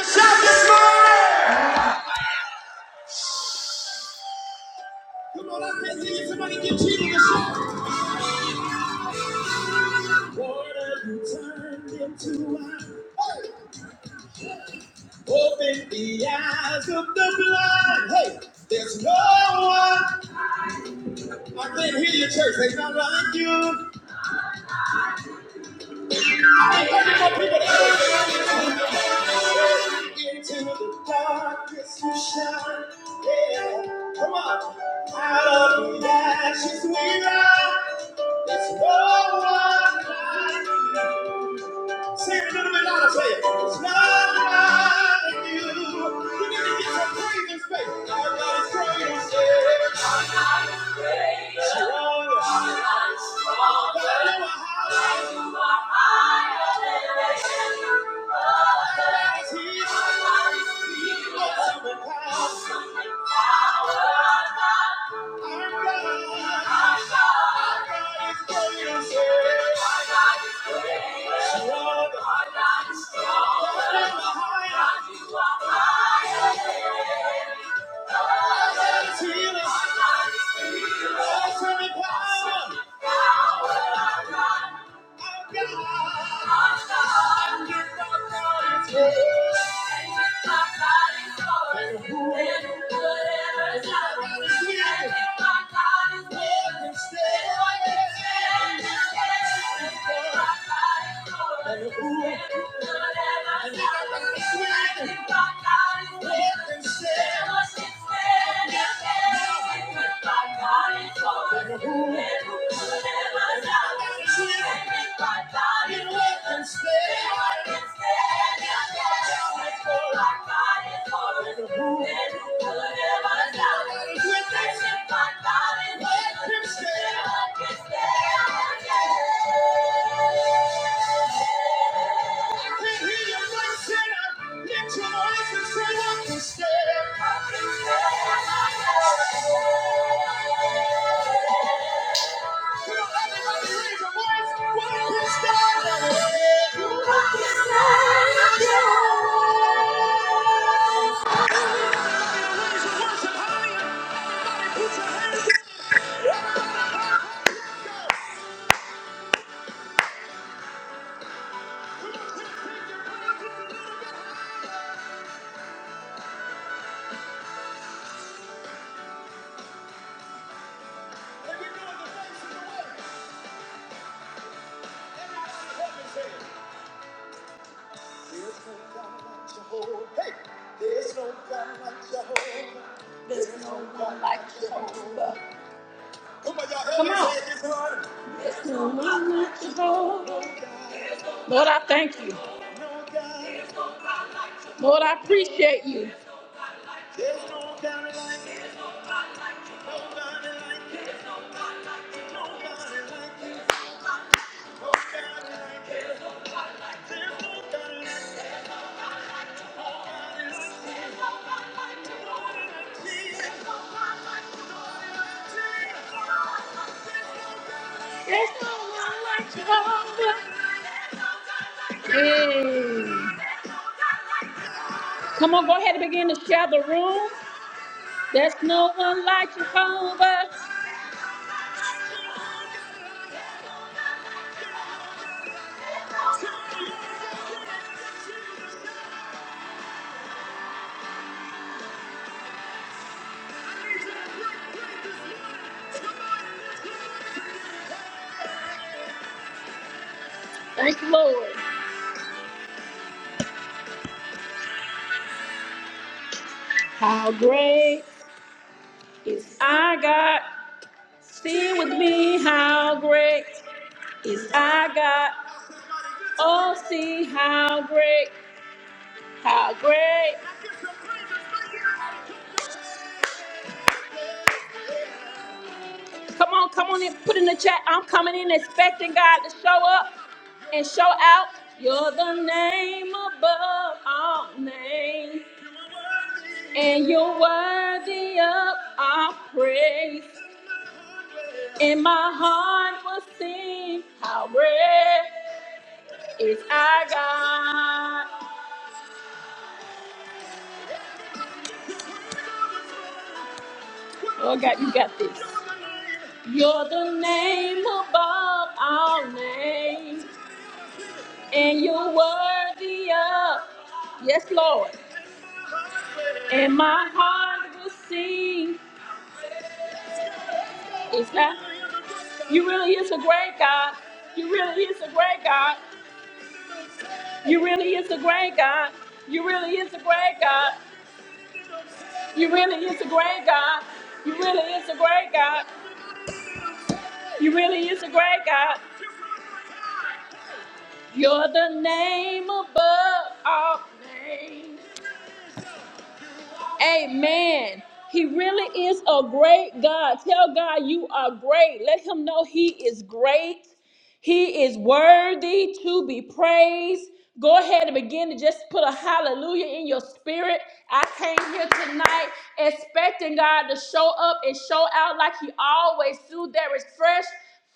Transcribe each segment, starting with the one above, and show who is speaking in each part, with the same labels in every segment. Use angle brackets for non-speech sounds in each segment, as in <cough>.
Speaker 1: Shout this morning! Come on, I can't see you. Somebody give Jesus a shout. Lord, have you turned into wine? Open the eyes of the blind. Hey, there's no one. I can't hear your church. They not like you. Come on, people that into the darkness you shine. Yeah, come on. Out of the ashes we rise. There's no one like you. Say it a little bit louder. Say it. It's not like you. You need to get some praise space. Our God is great. He said. Our God is great. Strong. Our God is strong. God, you are high. You are higher than every other. Our God is here. Our God is here. Awesome power. Awesome power. Healer. Awesome in power, who? Yeah. Thank you. There's no God like Jehovah. Hey, there's no God like Jehovah. There's no God like Jehovah. Come on, y'all, help Come me on. say it this morning. There's No one like Jehovah. Lord, I thank you. No God. Lord, I appreciate you. There's no God like you. Nobody like you. Nobody like you. Nobody like you. There's no God like you. There's no God like you. Nobody like you. There's no God like you. There's no one like Jehovah. Yeah. Come on, go ahead and begin to share the room. There's no one like Jehovah. Thank you, Lord. How great is our God? Sing with me, how great is our God? Oh, see how great, how great. Come on, come on and put in the chat. I'm coming in expecting God to show up. and shout out, You're the name above all names, and you're worthy of our praise. And my heart will sing, How great is our God. Oh, God, you got this. You're the name above all names, and you're worthy of, yes, Lord. And my heart will sing, it's not You really is a great God. You really is a great God. You really is a great God. You really is a great God. You really is a great God. You really is a great God. You really is a great God. You're the name above all names. Amen. He really is a great God. Tell God you are great. Let him know he is great. He is worthy to be praised. Go ahead and begin to just put a hallelujah in your spirit. I came here tonight expecting God to show up and show out like he always do. There is fresh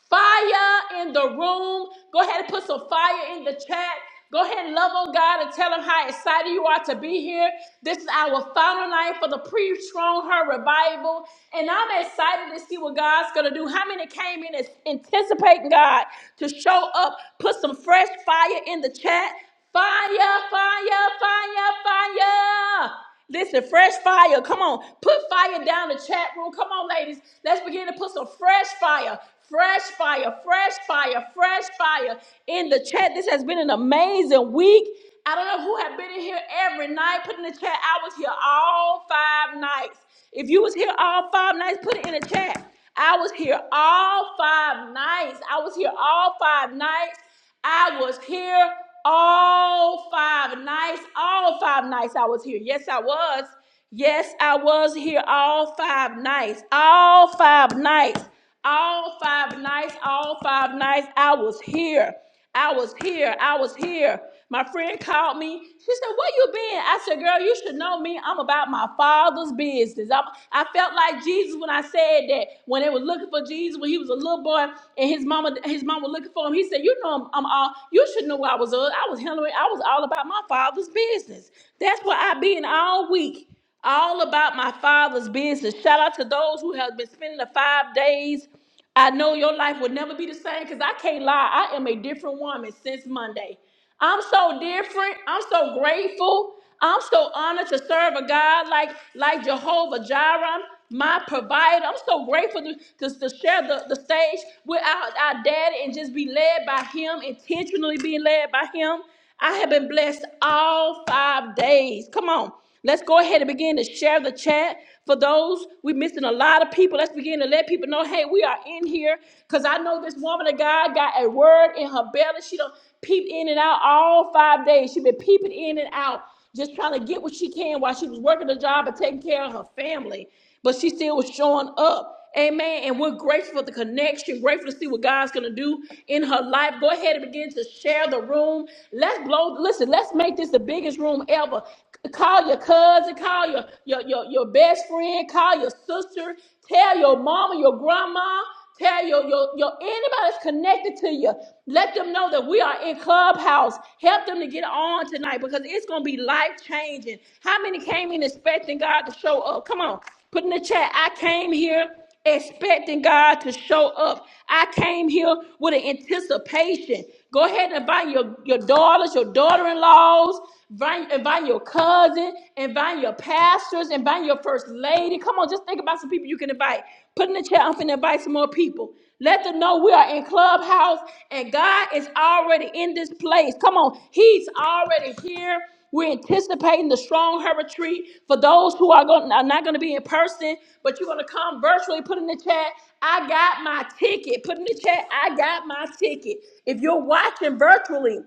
Speaker 1: fire in the room. Go ahead and put some fire in the chat. Go ahead and love on God and tell Him how excited you are to be here. This is our final night for the pre strong her revival. And I'm excited to see what God's going to do. How many came in as- anticipating God to show up? Put some fresh fire in the chat. Fire, fire, fire, fire. Listen, fresh fire. Come on. Put fire down the chat room. Come on, ladies. Let's begin to put some fresh fire. Fresh fire, fresh fire, fresh fire in the chat. This has been an amazing week. I don't know who have been in here every night. Put in the chat. I was here all five nights. If you was here all five nights, put it in the chat. I was here all five nights. I was here all five nights. I was here all five nights. All five nights I was here. Yes, I was. Yes, I was here all five nights. All five nights. All five nights. All five nights. I was here. I was here. I was here. My friend called me. She said, Where you been? I said, Girl, you should know me. I'm about my father's business. I'm, I felt like Jesus when I said that. When they were looking for Jesus, when he was a little boy and his mama his mom was looking for him, he said, You know, I'm, I'm all, you should know where I was. At. I was handling, I was all about my father's business. That's where I been all week. All about my father's business. Shout out to those who have been spending the five days. I know your life will never be the same because I can't lie. I am a different woman since Monday. I'm so different. I'm so grateful. I'm so honored to serve a God like, like Jehovah Jireh, my provider. I'm so grateful to, to, to share the, the stage with our, our daddy and just be led by him, intentionally being led by him. I have been blessed all five days. Come on. Let's go ahead and begin to share the chat. For those, we're missing a lot of people. Let's begin to let people know, hey, we are in here. Because I know this woman of God got a word in her belly. She done peeped in and out all five days. She been peeping in and out, just trying to get what she can while she was working the job and taking care of her family but she still was showing up. Amen. And we're grateful for the connection, grateful to see what God's going to do in her life. Go ahead and begin to share the room. Let's blow, listen, let's make this the biggest room ever. C- Call your cousin, call your, your, your, your best friend, call your sister, tell your mama, your grandma. Tell your, your, your anybody that's connected to you. Let them know that we are in Clubhouse. Help them to get on tonight because it's going to be life changing. How many came in expecting God to show up? Come on, put in the chat. I came here expecting God to show up. I came here with an anticipation. Go ahead and invite your, your daughters, your daughter in laws invite, invite your cousin, invite your pastors, invite your first lady. Come on, just think about some people you can invite. Put in the chat, I'm finna invite some more people. Let them know we are in Clubhouse and God is already in this place. Come on, He's already here. We're anticipating the strong her retreat for those who are, going, are not going to be in person, but you're going to come virtually. Put in the chat, I got my ticket. Put in the chat, I got my ticket. If you're watching virtually,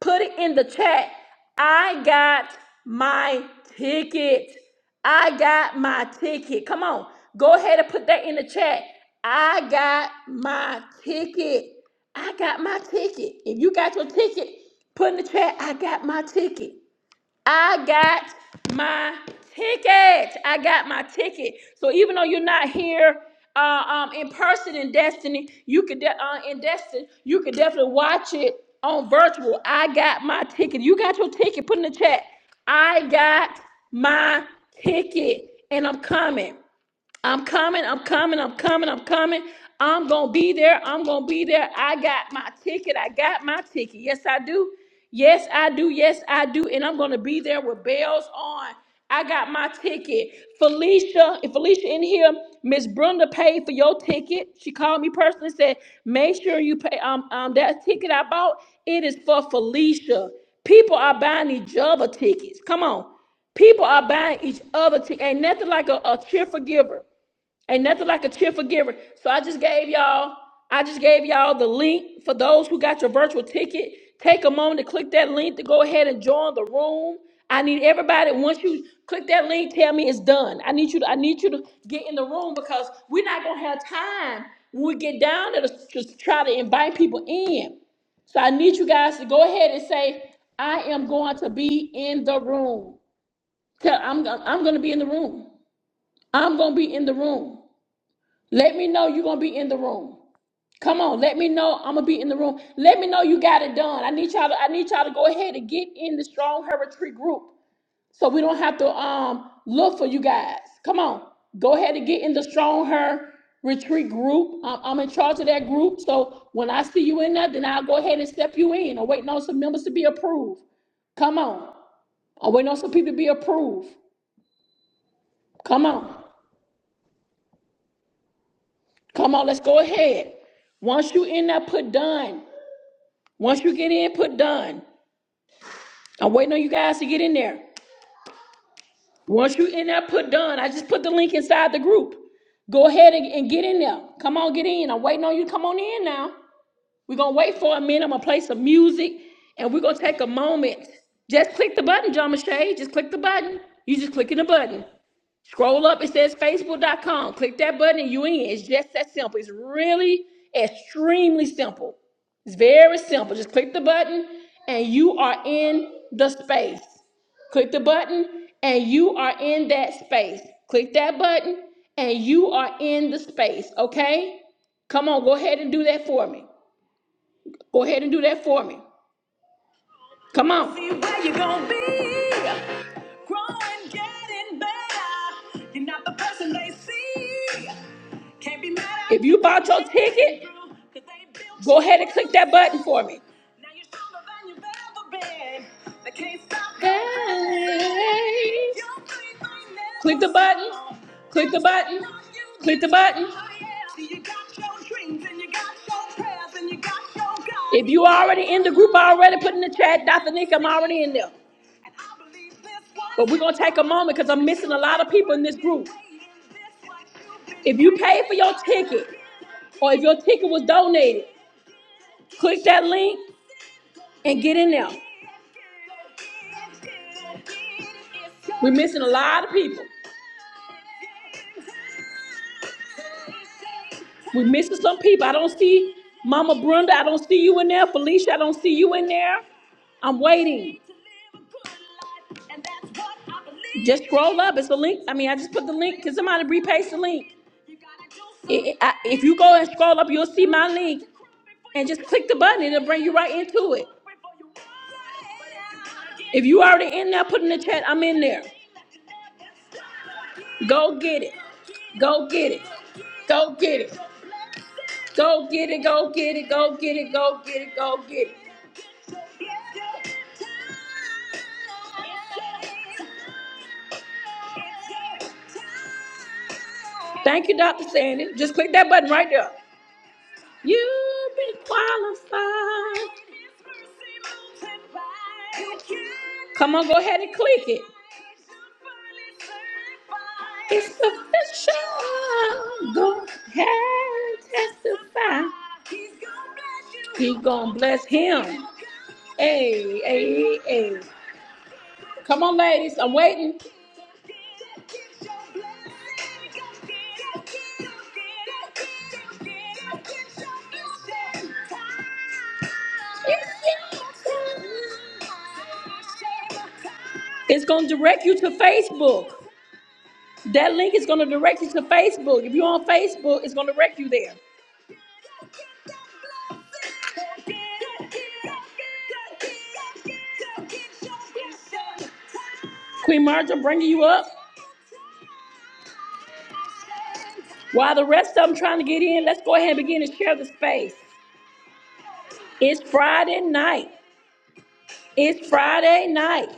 Speaker 1: Put it in the chat. I got my ticket. I got my ticket. Come on. Go ahead and put that in the chat. I got my ticket. I got my ticket. If you got your ticket, put in the chat. I got my ticket. I got my ticket. I got my ticket. So even though you're not here uh, um, in person in Destiny, you could de- uh, in Destiny, you could definitely watch it on virtual. I got my ticket. You got your ticket. Put in the chat. I got my ticket, and I'm coming. I'm coming, I'm coming, I'm coming, I'm coming. I'm gonna be there, I'm gonna be there. I got my ticket, I got my ticket. Yes, I do. Yes, I do. Yes, I do. And I'm gonna be there with bells on. I got my ticket. Felicia, if Felicia in here, Miss Brenda paid for your ticket. She called me personally and said, make sure you pay um, um that ticket I bought. It is for Felicia. People are buying each other tickets. Come on. People are buying each other tickets. Ain't nothing like a, a cheerful giver. Ain't nothing like a cheerful giver. So I just gave y'all, I just gave y'all the link for those who got your virtual ticket. Take a moment to click that link to go ahead and join the room. I need everybody. Once you click that link, tell me it's done. I need you. To, I need you to get in the room because we're not gonna have time when we get down there to just try to invite people in. So I need you guys to go ahead and say, I am going to be in the room. Tell I'm I'm gonna be in the room. I'm gonna be in the room. Let me know you're gonna be in the room. Come on, let me know I'm gonna be in the room. Let me know you got it done. I need y'all to I need y'all to go ahead and get in the strong her retreat group so we don't have to um look for you guys. Come on, go ahead and get in the strong her retreat group. I'm, I'm in charge of that group. So when I see you in there, then I'll go ahead and step you in. I'm waiting on some members to be approved. Come on. I'm waiting on some people to be approved. Come on. Come on, let's go ahead. Once you in there, put done. Once you get in, put done. I'm waiting on you guys to get in there. Once you in there, put done. I just put the link inside the group. Go ahead and, and get in there. Come on, get in. I'm waiting on you. to Come on in now. We're gonna wait for a minute. I'm gonna play some music and we're gonna take a moment. Just click the button, John Shay. Just click the button. You just clicking the button. Scroll up, it says facebook.com. Click that button and you in. It's just that simple. It's really extremely simple. It's very simple. Just click the button and you are in the space. Click the button and you are in that space. Click that button and you are in the space, okay? Come on, go ahead and do that for me. Go ahead and do that for me. Come on. See where you're gonna be. Growing, getting better. You're not the person they see. If you bought your ticket, go ahead and click that button for me. Hey. Click the button. Click the button. Click the button. If you already in the group already, put in the chat, Dr. Nick, I'm already in there. But we're gonna take a moment because I'm missing a lot of people in this group. If you paid for your ticket or if your ticket was donated, click that link and get in there. We're missing a lot of people. We missing some people. I don't see Mama Brenda. I don't see you in there. Felicia, I don't see you in there. I'm waiting. Just scroll up. It's a link. I mean, I just put the link. Can somebody repaste the link? It- it- I- if you go and scroll up, you'll see my link. And just click the button. It'll bring you right into it. If you already in there, put in the chat. I'm in there. Go get it. Go get it. Go get it. Go get it. Go get it. Go get it. Go get it. Go get it. Thank you, Dr. Sandy. Just click that button right there. You've been qualified. Come on, go ahead and click it. It's official. Go ahead and testify. He's gonna bless him. Hey, hey, hey. Come on, ladies. I'm waiting. It's going to direct you to Facebook. That link is going to direct you to Facebook. If you're on Facebook, it's going to direct you there. Queen Marja bringing you up. While the rest of them trying to get in, let's go ahead and begin to share the space. It's Friday night. It's Friday night.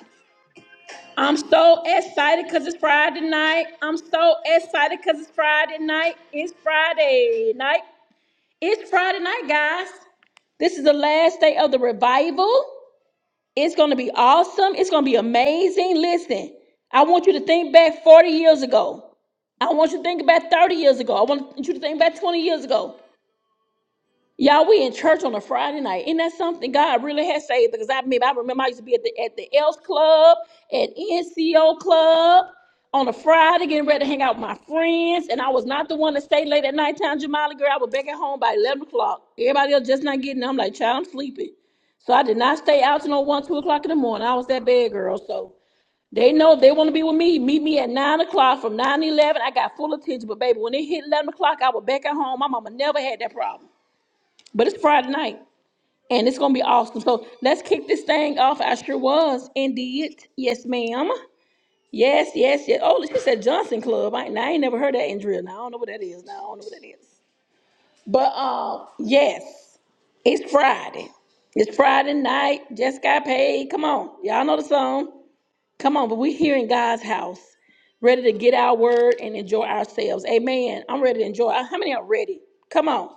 Speaker 1: I'm so excited because it's Friday night. I'm so excited because it's Friday night. It's Friday night. It's Friday night, guys. This is the last day of the revival. It's going to be awesome. It's going to be amazing. Listen, I want you to think back 40 years ago. I want you to think back 30 years ago. I want you to think back 20 years ago. Y'all, we in church on a Friday night. Isn't that something God really has saved? Because I mean, I remember I used to be at the at the Else Club, at NCO Club on a Friday, getting ready to hang out with my friends. And I was not the one to stay late at nighttime, Jamali girl. I was back at home by eleven o'clock. Everybody else just not getting. There. I'm like, child, I'm sleeping. So I did not stay out till no one, two o'clock in the morning. I was that bad girl. So they know if they want to be with me. Meet me at nine o'clock from nine to eleven. I got full attention. But baby, when it hit eleven o'clock, I was back at home. My mama never had that problem. But it's Friday night, and it's gonna be awesome. So let's kick this thing off. I sure was indeed. Yes, ma'am. Yes, yes, yes. Oh, she said Johnson Club. I, I ain't never heard that in drill. Now I don't know what that is. Now I don't know what that is. But um, yes, it's Friday. It's Friday night. Just got paid. Come on, y'all know the song. Come on, but we're here in God's house, ready to get our word and enjoy ourselves. Amen. I'm ready to enjoy. Uh, How many are ready? Come on.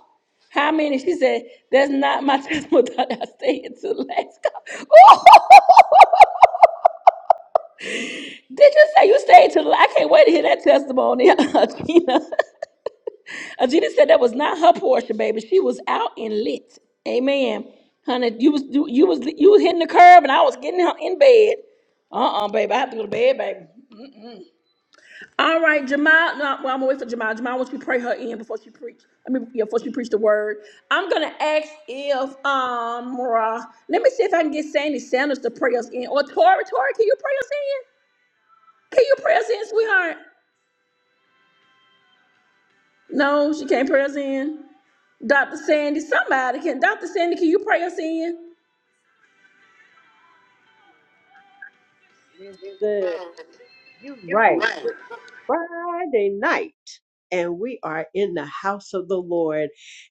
Speaker 1: How many? She said, That's not my <laughs> testimony. that I stayed until last. <laughs> call." Did you say you stayed till? I can't wait to hear that testimony, <laughs> Gina. Ajita said that was not her portion, baby. She was out and lit. Amen. Honey, you was you, you was you was hitting the curb and I was getting her in bed. Uh-uh, baby. I have to go to bed, baby. All right, Jamal. No, well, I'm gonna wait for Jamal. Jamal wants you to pray her in before she preach. I mean, yeah, before she preach the word. I'm gonna ask if um, uh, let me see if I can get Sandy Sanders to pray us in, or Tori. Tori, can you pray us in? Can you pray us in, sweetheart? No, she can't pray us in. Dr. Sandy, somebody can. Dr. Sandy, can you pray us in?
Speaker 2: Mister, you're right. Friday night, and we are in the house of the Lord.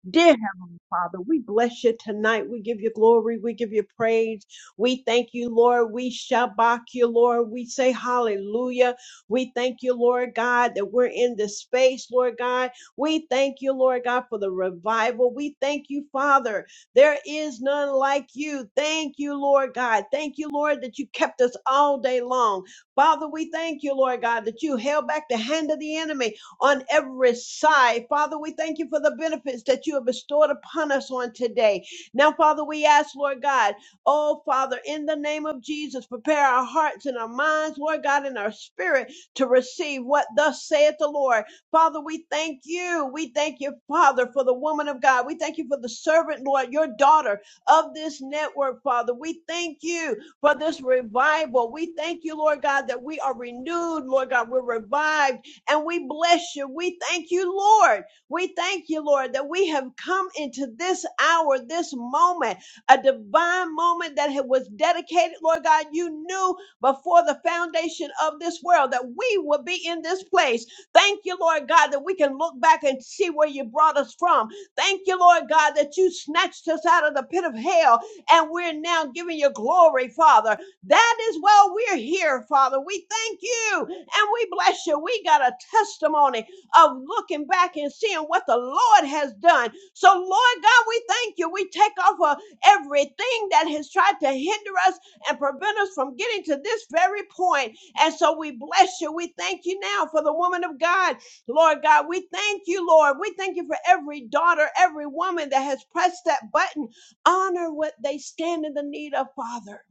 Speaker 2: Dear Heavenly Father, we bless you tonight. We give you glory. We give you praise. We thank you, Lord. We shabak you, Lord. We say hallelujah. We thank you, Lord God, that we're in this space, Lord God. We thank you, Lord God, for the revival. We thank you, Father. There is none like you. Thank you, Lord God. Thank you, Lord, that you kept us all day long. Father, we thank you, Lord God, that you held back the hand of the enemy on every side. Father, we thank you for the benefits that you have bestowed upon us on today. Now, Father, we ask, Lord God, oh, Father, in the name of Jesus, prepare our hearts and our minds, Lord God, and our spirit to receive what thus saith the Lord. Father, we thank you. We thank you, Father, for the woman of God. We thank you for the servant, Lord, your daughter of this network, Father. We thank you for this revival. We thank you, Lord God, that we are renewed, Lord God. We're revived and we bless you. We thank you, Lord. We thank you, Lord, that we have come into this hour, this moment, a divine moment that was dedicated, Lord God. You knew before the foundation of this world that we would be in this place. Thank you, Lord God, that we can look back and see where you brought us from. Thank you, Lord God, that you snatched us out of the pit of hell and we're now giving you glory, Father. That is why we're here, Father. We thank you and we bless you. We got a testimony of looking back and seeing what the Lord has done. So, Lord God, we thank you. We take off of everything that has tried to hinder us and prevent us from getting to this very point. And so we bless you. We thank you now for the woman of God. Lord God, we thank you, Lord. We thank you for every daughter, every woman that has pressed that button honor what they stand in the need of, Father,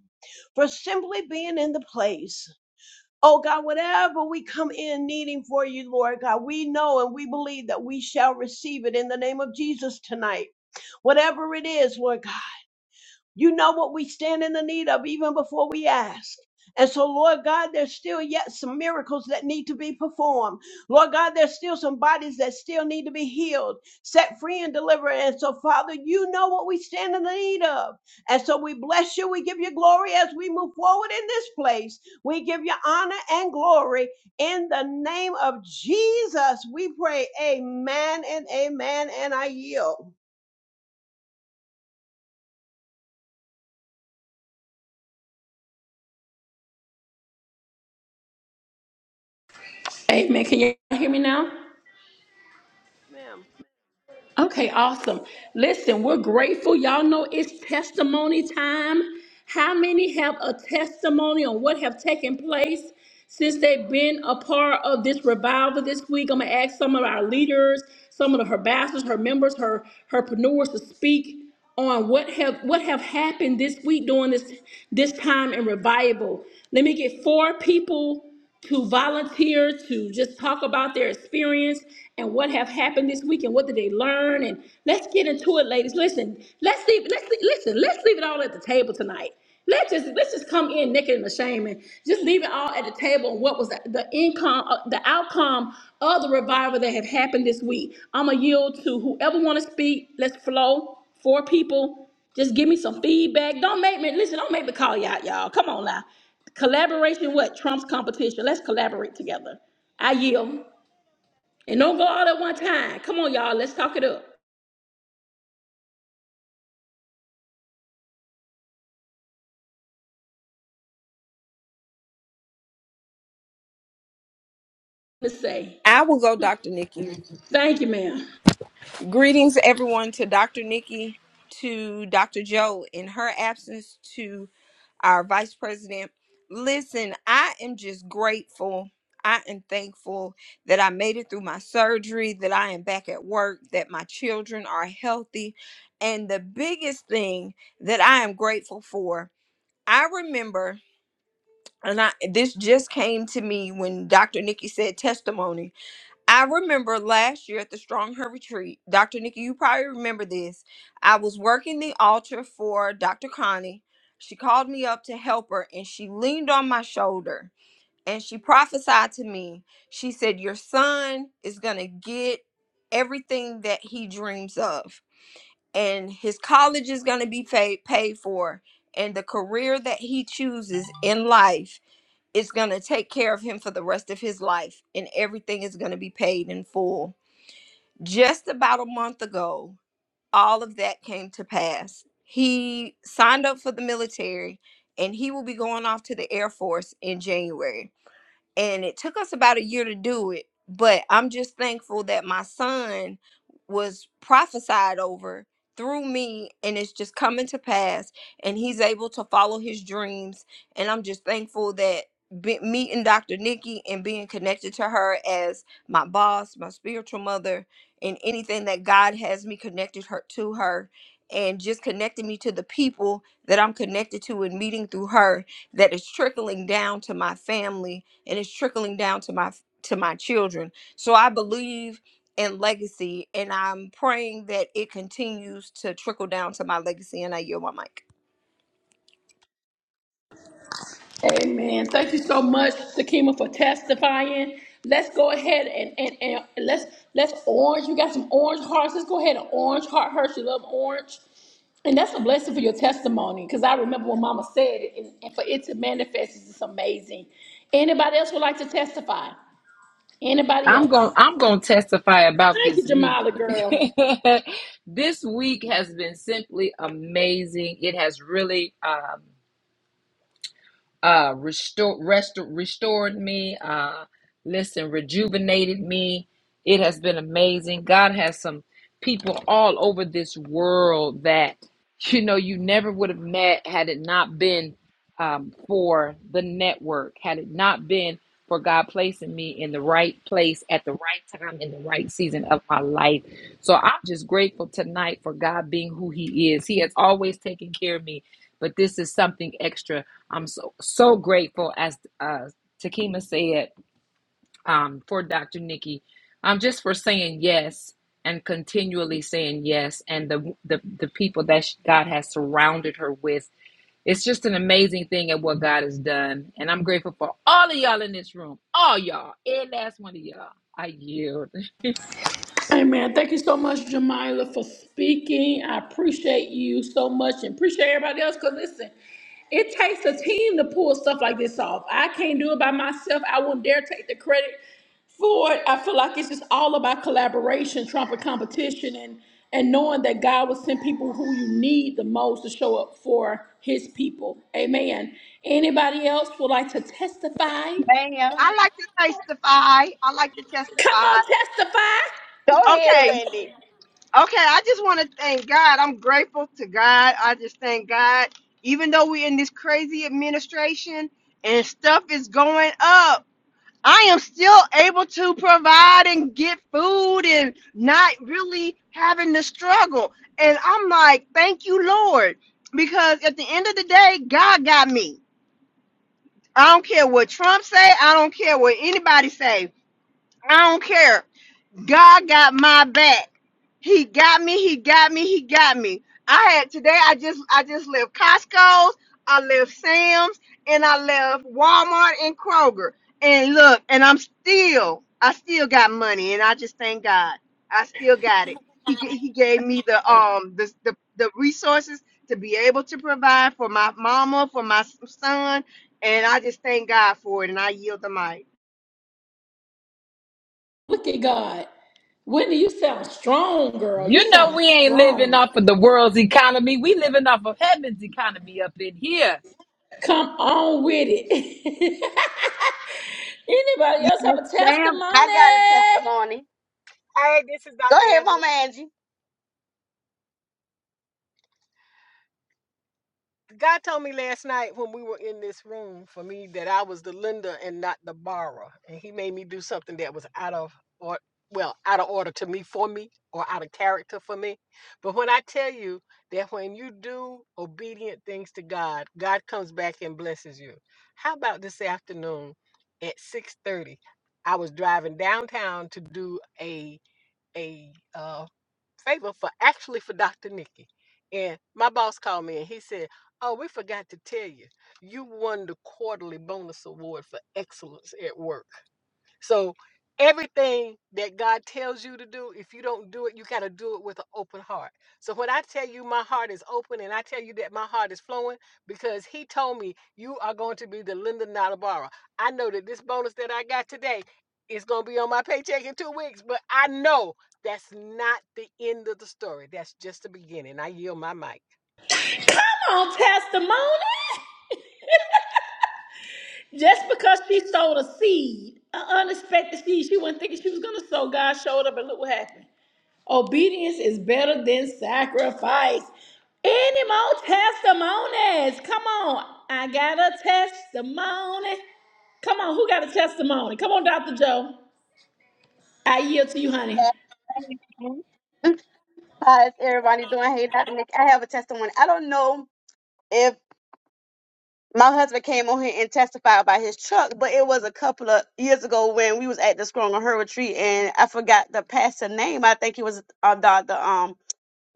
Speaker 2: for simply being in the place. Oh God, whatever we come in needing for you, Lord God, we know and we believe that we shall receive it in the name of Jesus tonight. Whatever it is, Lord God. You know what we stand in the need of even before we ask. And so, Lord God, there's still yet some miracles that need to be performed. Lord God, there's still some bodies that still need to be healed, set free, and delivered. And so, Father, you know what we stand in the need of. And so, we bless you. We give you glory as we move forward in this place. We give you honor and glory. In the name of Jesus, we pray. Amen and amen. And I yield.
Speaker 1: Amen. Can you hear me now?
Speaker 2: Ma'am.
Speaker 1: Okay, awesome. Listen, we're grateful. Y'all know it's testimony time. How many have a testimony on what have taken place since they've been a part of this revival this week? I'm gonna ask some of our leaders, some of the her pastors, her members, her herpreneurs to speak on what have what have happened this week during this this time in revival. Let me get four people to volunteer to just talk about their experience and what have happened this week and what did they learn and let's get into it ladies listen let's leave let's leave, listen let's leave it all at the table tonight let's just let's just come in naked and ashamed and just leave it all at the table what was the, the income uh, the outcome of the revival that have happened this week i'm gonna yield to whoever want to speak let's flow four people just give me some feedback. Don't make me listen. Don't make me call you out, y'all. Come on now. Collaboration what trumps competition. Let's collaborate together. I yield. And don't go all at one time. Come on, y'all. Let's talk it up. Let's say.
Speaker 3: I will go, Dr. Nikki.
Speaker 1: Thank you, ma'am.
Speaker 3: Greetings, everyone, to Dr. Nikki, to Dr. Joe in her absence, to our Vice President. Listen, I am just grateful. I am thankful that I made it through my surgery, that I am back at work, that my children are healthy. And the biggest thing that I am grateful for, I remember, and I, this just came to me when Dr. Nikki said testimony I remember last year at the Strong Her Retreat, Dr. Nikki, you probably remember this. I was working the altar for Dr. Connie. She called me up to help her and she leaned on my shoulder and she prophesied to me. She said, Your son is going to get everything that he dreams of, and his college is going to be paid, paid for, and the career that he chooses in life is going to take care of him for the rest of his life, and everything is going to be paid in full just about a month ago, all of that came to pass. He signed up for the military and he will be going off to the Air Force in January and it took us about a year to do it but i'm just thankful that my son was prophesied over through me and it's just coming to pass and he's able to follow his dreams and i'm just thankful that be, meeting dr nikki and being connected to her as my boss my spiritual mother and anything that god has me connected her to her and just connecting me to the people that i'm connected to and meeting through her that is trickling down to my family and it's trickling down to my to my children so i believe in legacy and i'm praying that it continues to trickle down to my legacy and i yield my mic
Speaker 1: Amen. Thank you so much, Sakima, for testifying. Let's go ahead and, and, and let's let's orange. You got some orange hearts. Let's go ahead and orange heart her. She love orange. And that's a blessing for your testimony because I remember when Mama said it, and, and for it to manifest is just amazing. Anybody else would like to testify? Anybody
Speaker 4: I'm
Speaker 1: else?
Speaker 4: going I'm going to testify about
Speaker 1: Thank you,
Speaker 4: this week.
Speaker 1: Jamila, girl.
Speaker 4: <laughs> this week has been simply amazing. It has really um uh restore restor restored me uh listen rejuvenated me it has been amazing god has some people all over this world that you know you never would have met had it not been um, for the network had it not been for god placing me in the right place at the right time in the right season of my life so i'm just grateful tonight for god being who he is he has always taken care of me but this is something extra I'm so so grateful, as uh, Takima said, um, for Dr. Nikki, um, just for saying yes and continually saying yes, and the the the people that she, God has surrounded her with. It's just an amazing thing at what God has done, and I'm grateful for all of y'all in this room, all y'all, every last one of y'all. I yield.
Speaker 1: Amen. Thank you so much, Jamila, for speaking. I appreciate you so much and appreciate everybody else. Because listen, it takes a team to pull stuff like this off. I can't do it by myself. I won't dare take the credit for it. I feel like it's just all about collaboration, trump and competition, and and knowing that God will send people who you need the most to show up for His people. Amen. Anybody else would like to testify?
Speaker 5: Ma'am.
Speaker 6: I like to testify. I like to
Speaker 1: Come
Speaker 6: testify.
Speaker 1: on, testify.
Speaker 5: Go ahead,
Speaker 6: Okay,
Speaker 5: Wendy.
Speaker 6: okay. I just want to thank God. I'm grateful to God. I just thank God. Even though we're in this crazy administration and stuff is going up, I am still able to provide and get food and not really having to struggle. And I'm like, thank you, Lord, because at the end of the day, God got me. I don't care what Trump say. I don't care what anybody say. I don't care. God got my back. He got me. He got me. He got me. I had today. I just I just left Costco's. I left Sam's, and I left Walmart and Kroger. And look, and I'm still I still got money, and I just thank God. I still got it. He g- he gave me the um the the, the resources to be able to provide for my mama, for my son, and I just thank God for it. And I yield the mic.
Speaker 1: Look at God. Wendy. you sound strong, girl. You
Speaker 4: You know
Speaker 1: sound
Speaker 4: we ain't living
Speaker 1: strong.
Speaker 4: off of the world's economy. We living off of heaven's economy up in here.
Speaker 1: Come on with it. <laughs> Anybody
Speaker 5: Yes,
Speaker 1: else have a
Speaker 5: ma'am. I
Speaker 1: testimony?
Speaker 5: got a testimony.
Speaker 7: Hey, this is
Speaker 5: Go
Speaker 7: Dr.
Speaker 5: ahead,
Speaker 7: Angela.
Speaker 5: Mama Angie.
Speaker 7: God told me last night when we were in this room for me that I was the lender and not the borrower. And he made me do something that was out of or well, out of order to me for me or out of character for me. But when I tell you that when you do obedient things to God, God comes back and blesses you. How about this afternoon at 6:30? I was driving downtown to do a a uh, favor for actually for Dr. Nikki. And my boss called me and he said, Oh, we forgot to tell you, you won the quarterly bonus award for excellence at work. So everything that God tells you to do, if you don't do it, you got to do it with an open heart. So when I tell you my heart is open and I tell you that my heart is flowing because he told me you are going to be the Linda Natabara. I know that this bonus that I got today is going to be on my paycheck in 2 weeks, but I know that's not the end of the story. That's just the beginning. I yield my mic.
Speaker 1: Come on, testimony. Just because she sowed a seed, an unexpected seed, she wasn't thinking she was gonna sow. God showed up and look what happened. Obedience is better than sacrifice. Any more testimonies? Come on. I got a testimony. Come on, who got a testimony? Come on, Dr. Joe. I yield to you, honey.
Speaker 5: Yes, thank you. How's everybody doing? Hey, Dr. Nick. I have a testimony. I don't know if my husband came on here and testified about his truck, but it was a couple of years ago when we was at the Strong on Her retreat, and I forgot the pastor name. I think it was uh, Dr.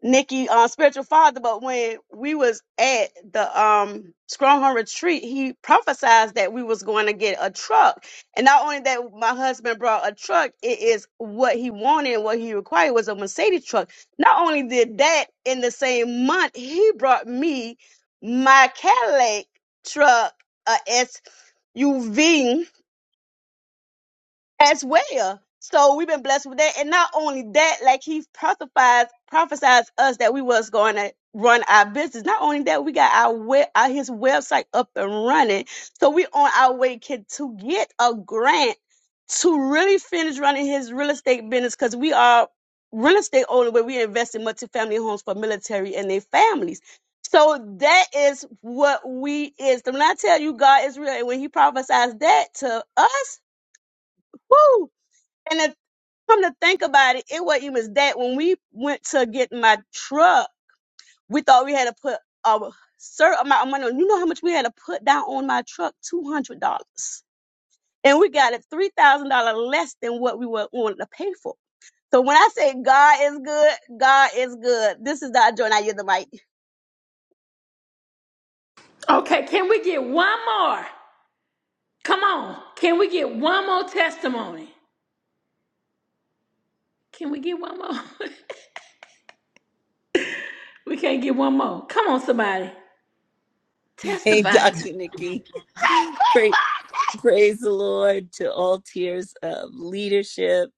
Speaker 5: Nikki uh, spiritual father, but when we was at the um Stronghold retreat, he prophesied that we was going to get a truck. And not only that, my husband brought a truck, it is what he wanted and what he required was a Mercedes truck. Not only did that in the same month, he brought me my Cadillac truck, a SUV as well. So we've been blessed with that. And not only that, like he prophesies prophesies us that we was going to run our business. Not only that, we got our web our, his website up and running. So we on our way can, to get a grant to really finish running his real estate business because we are real estate owner where we invest in multifamily homes for military and their families. So that is what we is. When I tell you God is real and when he prophesies that to us, woo! And if, come to think about it, it wasn't even that. When we went to get my truck, we thought we had to put a certain amount of money. on- You know how much we had to put down on my truck? Two hundred dollars, and we got it three thousand dollars less than what we were wanting to pay for. So when I say God is good, God is good. This is Dr. Joy, and I yield the mic.
Speaker 1: Okay, can we get one more? Come on. Can we get one more testimony? Can we get one more? <laughs> we can't get one more. Come on, somebody.
Speaker 8: <laughs> Hey,
Speaker 1: Testify.
Speaker 8: Dr. Nikki. Praise, praise the Lord to all tiers of leadership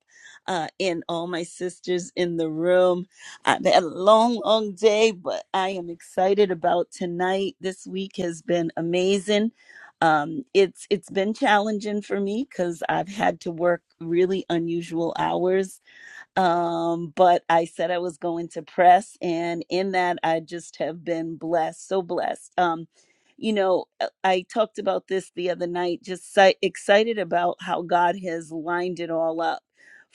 Speaker 8: uh, and all my sisters in the room. I've had a long, long day, but I am excited about tonight. This week has been amazing. Um, it's it's been challenging for me because I've had to work really unusual hours um, but I said I was going to press, and in that, I just have been blessed, so blessed. Um, you know, uh, I talked about this the other night, just si- excited about how God has lined it all up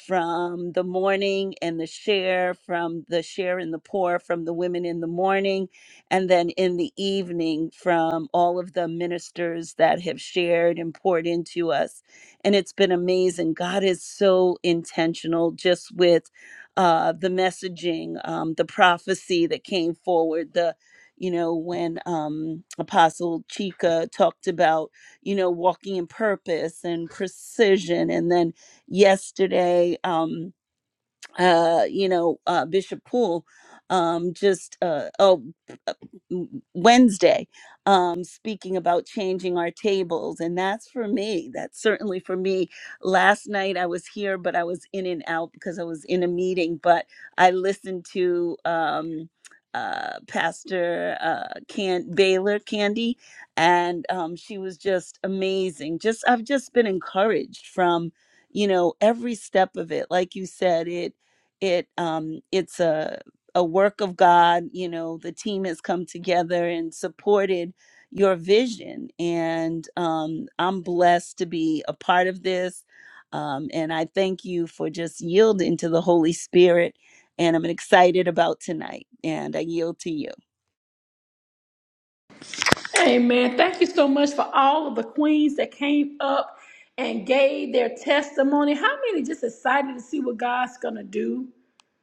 Speaker 8: from the morning and the share, from the share and the pour, from the women in the morning, and then in the evening from all of the ministers that have shared and poured into us and it's been amazing. God is so intentional just with uh, the messaging, um, the prophecy that came forward, the you know when um apostle Chika talked about you know walking in purpose and precision and then yesterday um uh, you know, uh, Bishop Poole, um, just uh, oh, uh, Wednesday, um, speaking about changing our tables, and that's for me. That's certainly for me. Last night I was here, but I was in and out because I was in a meeting. But I listened to um, uh, Pastor uh, Can Baylor Candy, and um, she was just amazing. Just I've just been encouraged from you know every step of it like you said it it um it's a a work of god you know the team has come together and supported your vision and um i'm blessed to be a part of this um and i thank you for just yielding to the holy spirit and i'm excited about tonight and i yield to you
Speaker 1: Amen. Thank you so much for all of the queens that came up and gave their testimony. How many just excited to see what God's going to do?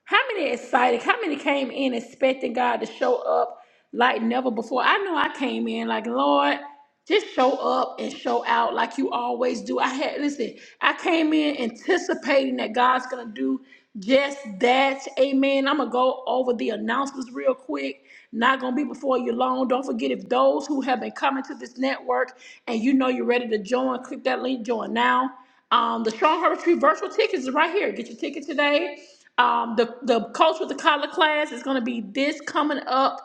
Speaker 1: How many excited? How many came in expecting God to show up like never before? I know I came in like, Lord, just show up and show out like you always do. I had, listen, I came in anticipating that God's going to do just that. Amen. I'm going to go over the announcements real quick. Not going to be before you long. Don't forget if those who have been coming to this network and you know you're ready to join, click that link, join now. Um, the Strong Heart Retreat virtual tickets is right here. Get your ticket today. Um, the the coach with the collar class is going to be this coming up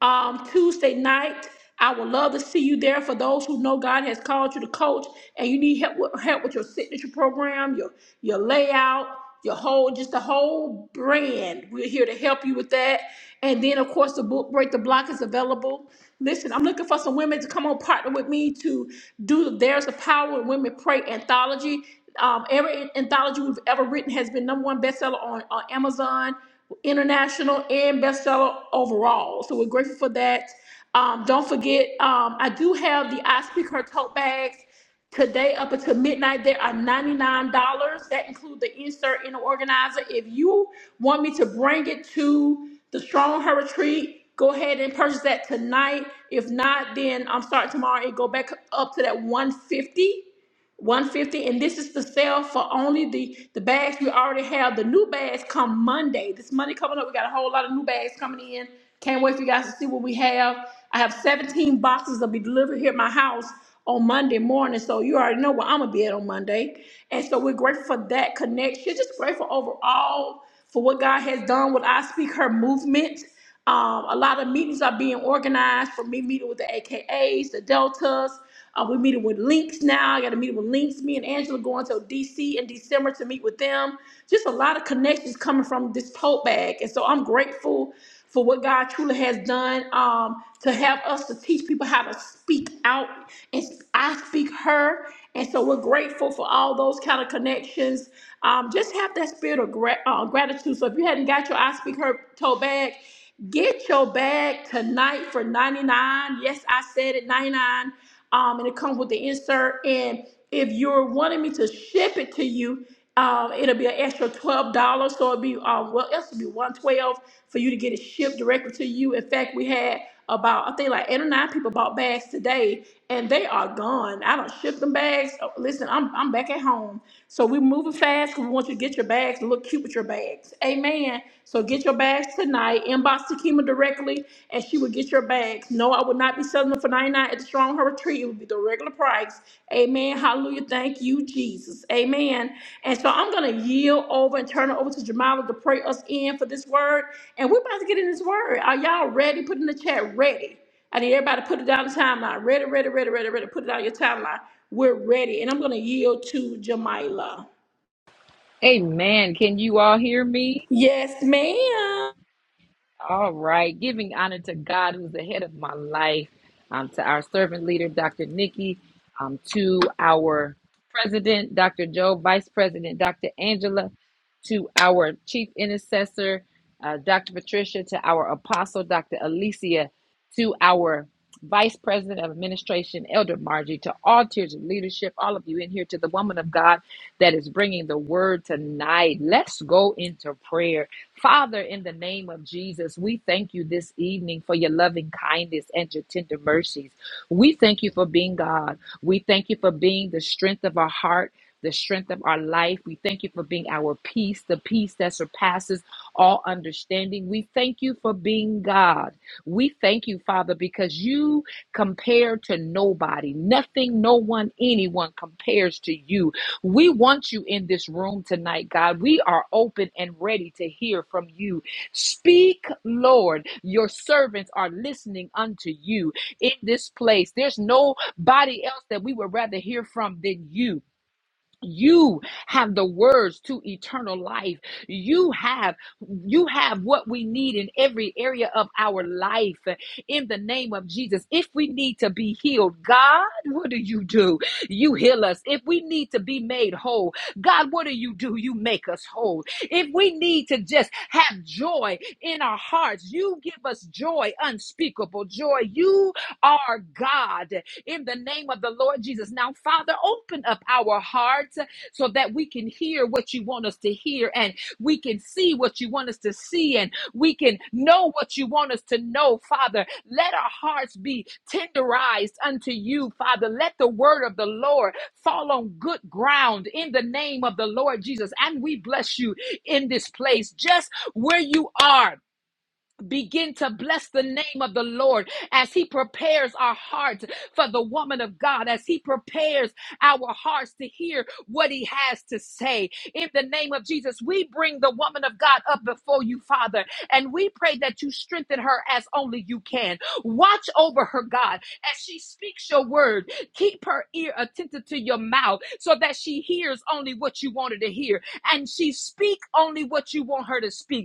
Speaker 1: um, Tuesday night. I would love to see you there. For those who know God has called you to coach, and you need help with, help with your signature program, your your layout, your whole just the whole brand. We're here to help you with that. And then of course the book Break the Block is available. Listen, I'm looking for some women to come on partner with me to do the There's a Power in Women Pray anthology. Um, every anthology we've ever written has been number one bestseller on, on Amazon, international, and bestseller overall. So we're grateful for that. Um, don't forget, um, I do have the I Speak Her tote bags today up until midnight. They are $99. That includes the insert in the organizer. If you want me to bring it to the Strong Her Retreat, go ahead and purchase that tonight. If not, then I'm starting tomorrow and go back up to that 150 150 and this is the sale for only the the bags we already have the new bags come monday this monday coming up we got a whole lot of new bags coming in can't wait for you guys to see what we have i have 17 boxes that'll be delivered here at my house on monday morning so you already know where i'm gonna be at on monday and so we're grateful for that connection just grateful overall for what god has done with i speak her movement um, a lot of meetings are being organized for me meeting with the akas the deltas uh, we're meeting with Links now. I got to meet with Links. Me and Angela going to DC in December to meet with them. Just a lot of connections coming from this tote bag. And so I'm grateful for what God truly has done um, to have us to teach people how to speak out. And I speak her. And so we're grateful for all those kind of connections. Um, just have that spirit of gra- uh, gratitude. So if you hadn't got your I Speak Her tote bag, Get your bag tonight for 99. Yes, I said it 99. Um, and it comes with the insert. And if you're wanting me to ship it to you, um, it'll be an extra twelve dollars. So it'll be um well, it'll be one twelve for you to get it shipped directly to you. In fact, we had about I think like eight or nine people bought bags today, and they are gone. I don't ship them bags. Oh, Listen, I'm I'm back at home, so we are moving fast. 'cause We want you to get your bags and look cute with your bags. Amen. So get your bags tonight. Inbox Takima directly, and she will get your bags. No, I would not be selling them for ninety nine at the Strong Her Retreat. It would be the regular the price. Amen. Hallelujah. Thank you, Jesus. Amen. And so I'm going to yield over and turn it over to Jamala to pray us in for this word. And we're about to get in this word. Are y'all ready? Put in the chat, ready. I need everybody to put it down the timeline. Ready, ready, ready, ready, ready. Put it on your timeline. We're ready. And I'm going to yield to Jamila.
Speaker 4: Amen. Can you all hear me?
Speaker 1: Yes, ma'am.
Speaker 4: All right, giving honor to God who's the head of my life, um, to our servant leader, Dr. Nikki, um, to our president, Dr. Joe, vice president, Dr. Angela, to our chief intercessor, uh, Dr. Patricia, to our apostle, Dr. Alicia, to our vice president of administration, Elder Margie, to all tiers of leadership, all of you in here, to the woman of God that is bringing the word tonight. Let's go into prayer. Father, in the name of Jesus, we thank you this evening for your loving kindness and your tender mercies. We thank you for being God. We thank you for being the strength of our heart. The strength of our life. We thank you for being our peace, the peace that surpasses all understanding. We thank you for being God. We thank you, Father, because you compare to nobody. Nothing, no one, anyone compares to you. We want you in this room tonight, God. We are open and ready to hear from you. Speak, Lord. Your servants are listening unto you in this place. There's nobody else that we would rather hear from than you you have the words to eternal life you have you have what we need in every area of our life in the name of jesus if we need to be healed god what do you do you heal us if we need to be made whole god what do you do you make us whole if we need to just have joy in our hearts you give us joy unspeakable joy you are god in the name of the Lord Jesus. Now, Father, open up our hearts so that we can hear what you want us to hear and we can see what you want us to see and we can know what you want us to know, Father. Let our hearts be tenderized unto you, Father. Let the word of the Lord fall on good ground in the name of the Lord Jesus. And we bless you in this place, just where you are. Begin to bless the name of the Lord as He prepares our hearts for the woman of God, as He prepares our hearts to hear what He has to say. In the name of Jesus, we bring the woman of God up before you, Father, and we pray that you strengthen her as only you can. Watch over her, God, as she speaks your word. Keep her ear attentive to your mouth so that she hears only what you want her to hear and she speak only what you want her to speak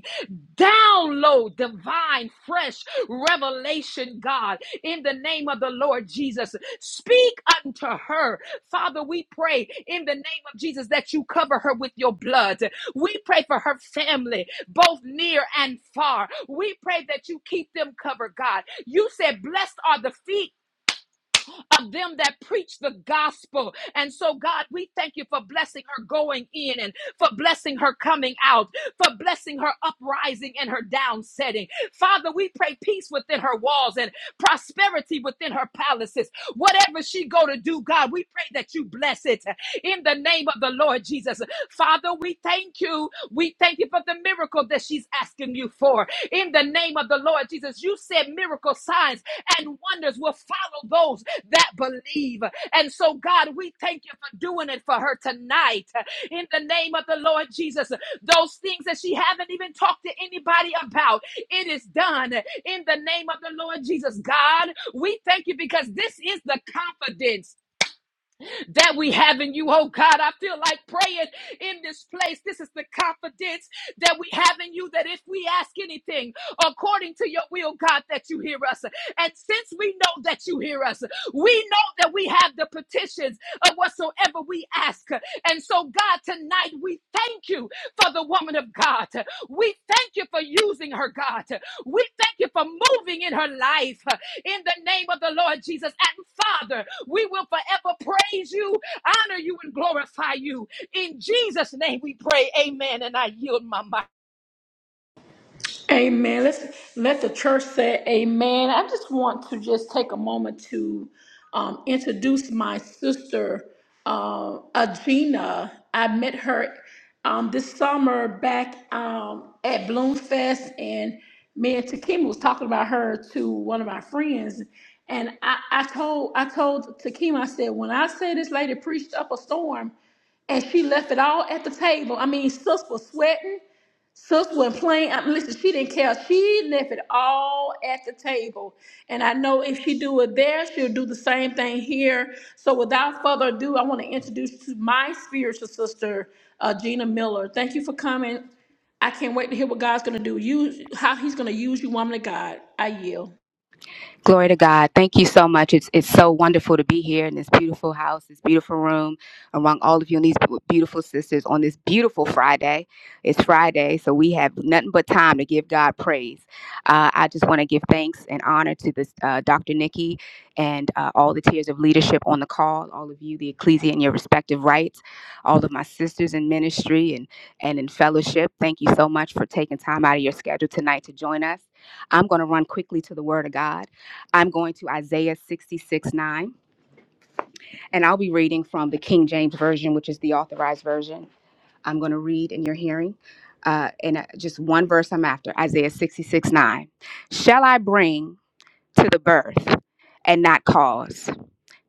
Speaker 4: Download divine, fresh revelation, God, in the name of the Lord Jesus. Speak unto her. Father, we pray in the name of Jesus that you cover her with your blood. We pray for her family, both near and far. We pray that you keep them covered, God. You said, Blessed are the feet of them that preach the gospel. And so, God, we thank you for blessing her going in and for blessing her coming out, for blessing her uprising and her downsetting. Father, we pray peace within her walls and prosperity within her palaces. Whatever she go to do, God, we pray that you bless it in the name of the Lord Jesus. Father, we thank you. We thank you for the miracle that she's asking you for in the name of the Lord Jesus. You said miracle signs and wonders will follow those that believe. And so, God, we thank you for doing it for her tonight in the name of the Lord Jesus. Those things that she haven't even talked to anybody about, it is done in the name of the Lord Jesus. God, we thank you because this is the confidence that we have in you, oh God. I feel like praying in this place. This is the confidence that we have in you that if we ask anything according to your will, God, that you hear us. And since we know that you hear us, we know that we have the petitions of whatsoever we ask. And so, God, tonight we thank you for the woman of God. We thank you for using her, God. We thank you for moving in her life in the name of the Lord Jesus. And Father, we will forever praise you, honor you, and glorify you. In Jesus' name we pray. Amen. And I yield my mind.
Speaker 1: Amen. Let's let the church say amen. I just want to just take a moment to um, introduce my sister, uh, Agina. I met her um, this summer back um, at Bloomfest, and me and Takima was talking about her to one of my friends. And I, I told I told Takima, I said, when I say this lady preached up a storm, and she left it all at the table. I mean, sis was sweating. Sus went playing. I listen, she didn't care. She left it all at the table. And I know if she do it there, she'll do the same thing here. So without further ado, I want to introduce to my spiritual sister, uh, Gina Miller. Thank you for coming. I can't wait to hear what God's going to do. You, how He's going to use you, woman of God. I yield.
Speaker 9: Glory to God. Thank you so much. It's it's so wonderful to be here in this beautiful house, this beautiful room, among all of you and these beautiful sisters on this beautiful Friday. It's Friday, so we have nothing but time to give God praise. Uh, I just want to give thanks and honor to this uh, Dr. Nikki and uh, all the tiers of leadership on the call, all of you, the ecclesia in your respective rights, all of my sisters in ministry and, and in fellowship. Thank you so much for taking time out of your schedule tonight to join us. I'm going to run quickly to the Word of God I'm going to Isaiah 66 9, and I'll be reading from the King James Version, which is the authorized version. I'm going to read in your hearing. Uh, and uh, just one verse I'm after Isaiah 66 9. Shall I bring to the birth and not cause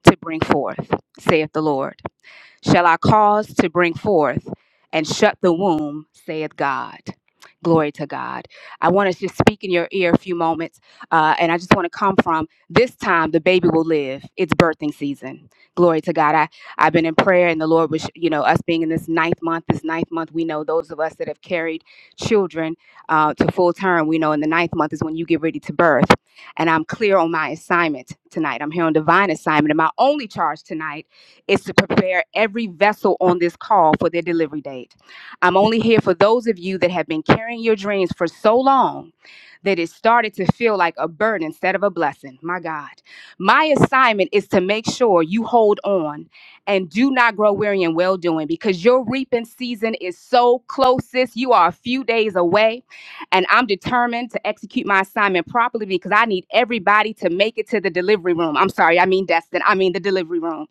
Speaker 9: to bring forth, saith the Lord? shall I cause to bring forth and shut the womb, saith God. Glory to God. I want to just speak in your ear a few moments, uh, and I just want to come from this time the baby will live. It's birthing season. Glory to God. I, I've been in prayer, and the Lord was, you know, us being in this ninth month, this ninth month, we know those of us that have carried children uh, to full term, we know in the ninth month is when you get ready to birth. And I'm clear on my assignment tonight. I'm here on divine assignment, and my only charge tonight is to prepare every vessel on this call for their delivery date. I'm only here for those of you that have been carrying your dreams for so long that it started to feel like a burden instead of a blessing. My God. My assignment is to make sure you hold on and do not grow weary in well doing because your reaping season is so close, sis. You are a few days away, and I'm determined to execute my assignment properly because I need everybody to make it to the delivery room. I'm sorry, I mean, Destin, I mean, the delivery room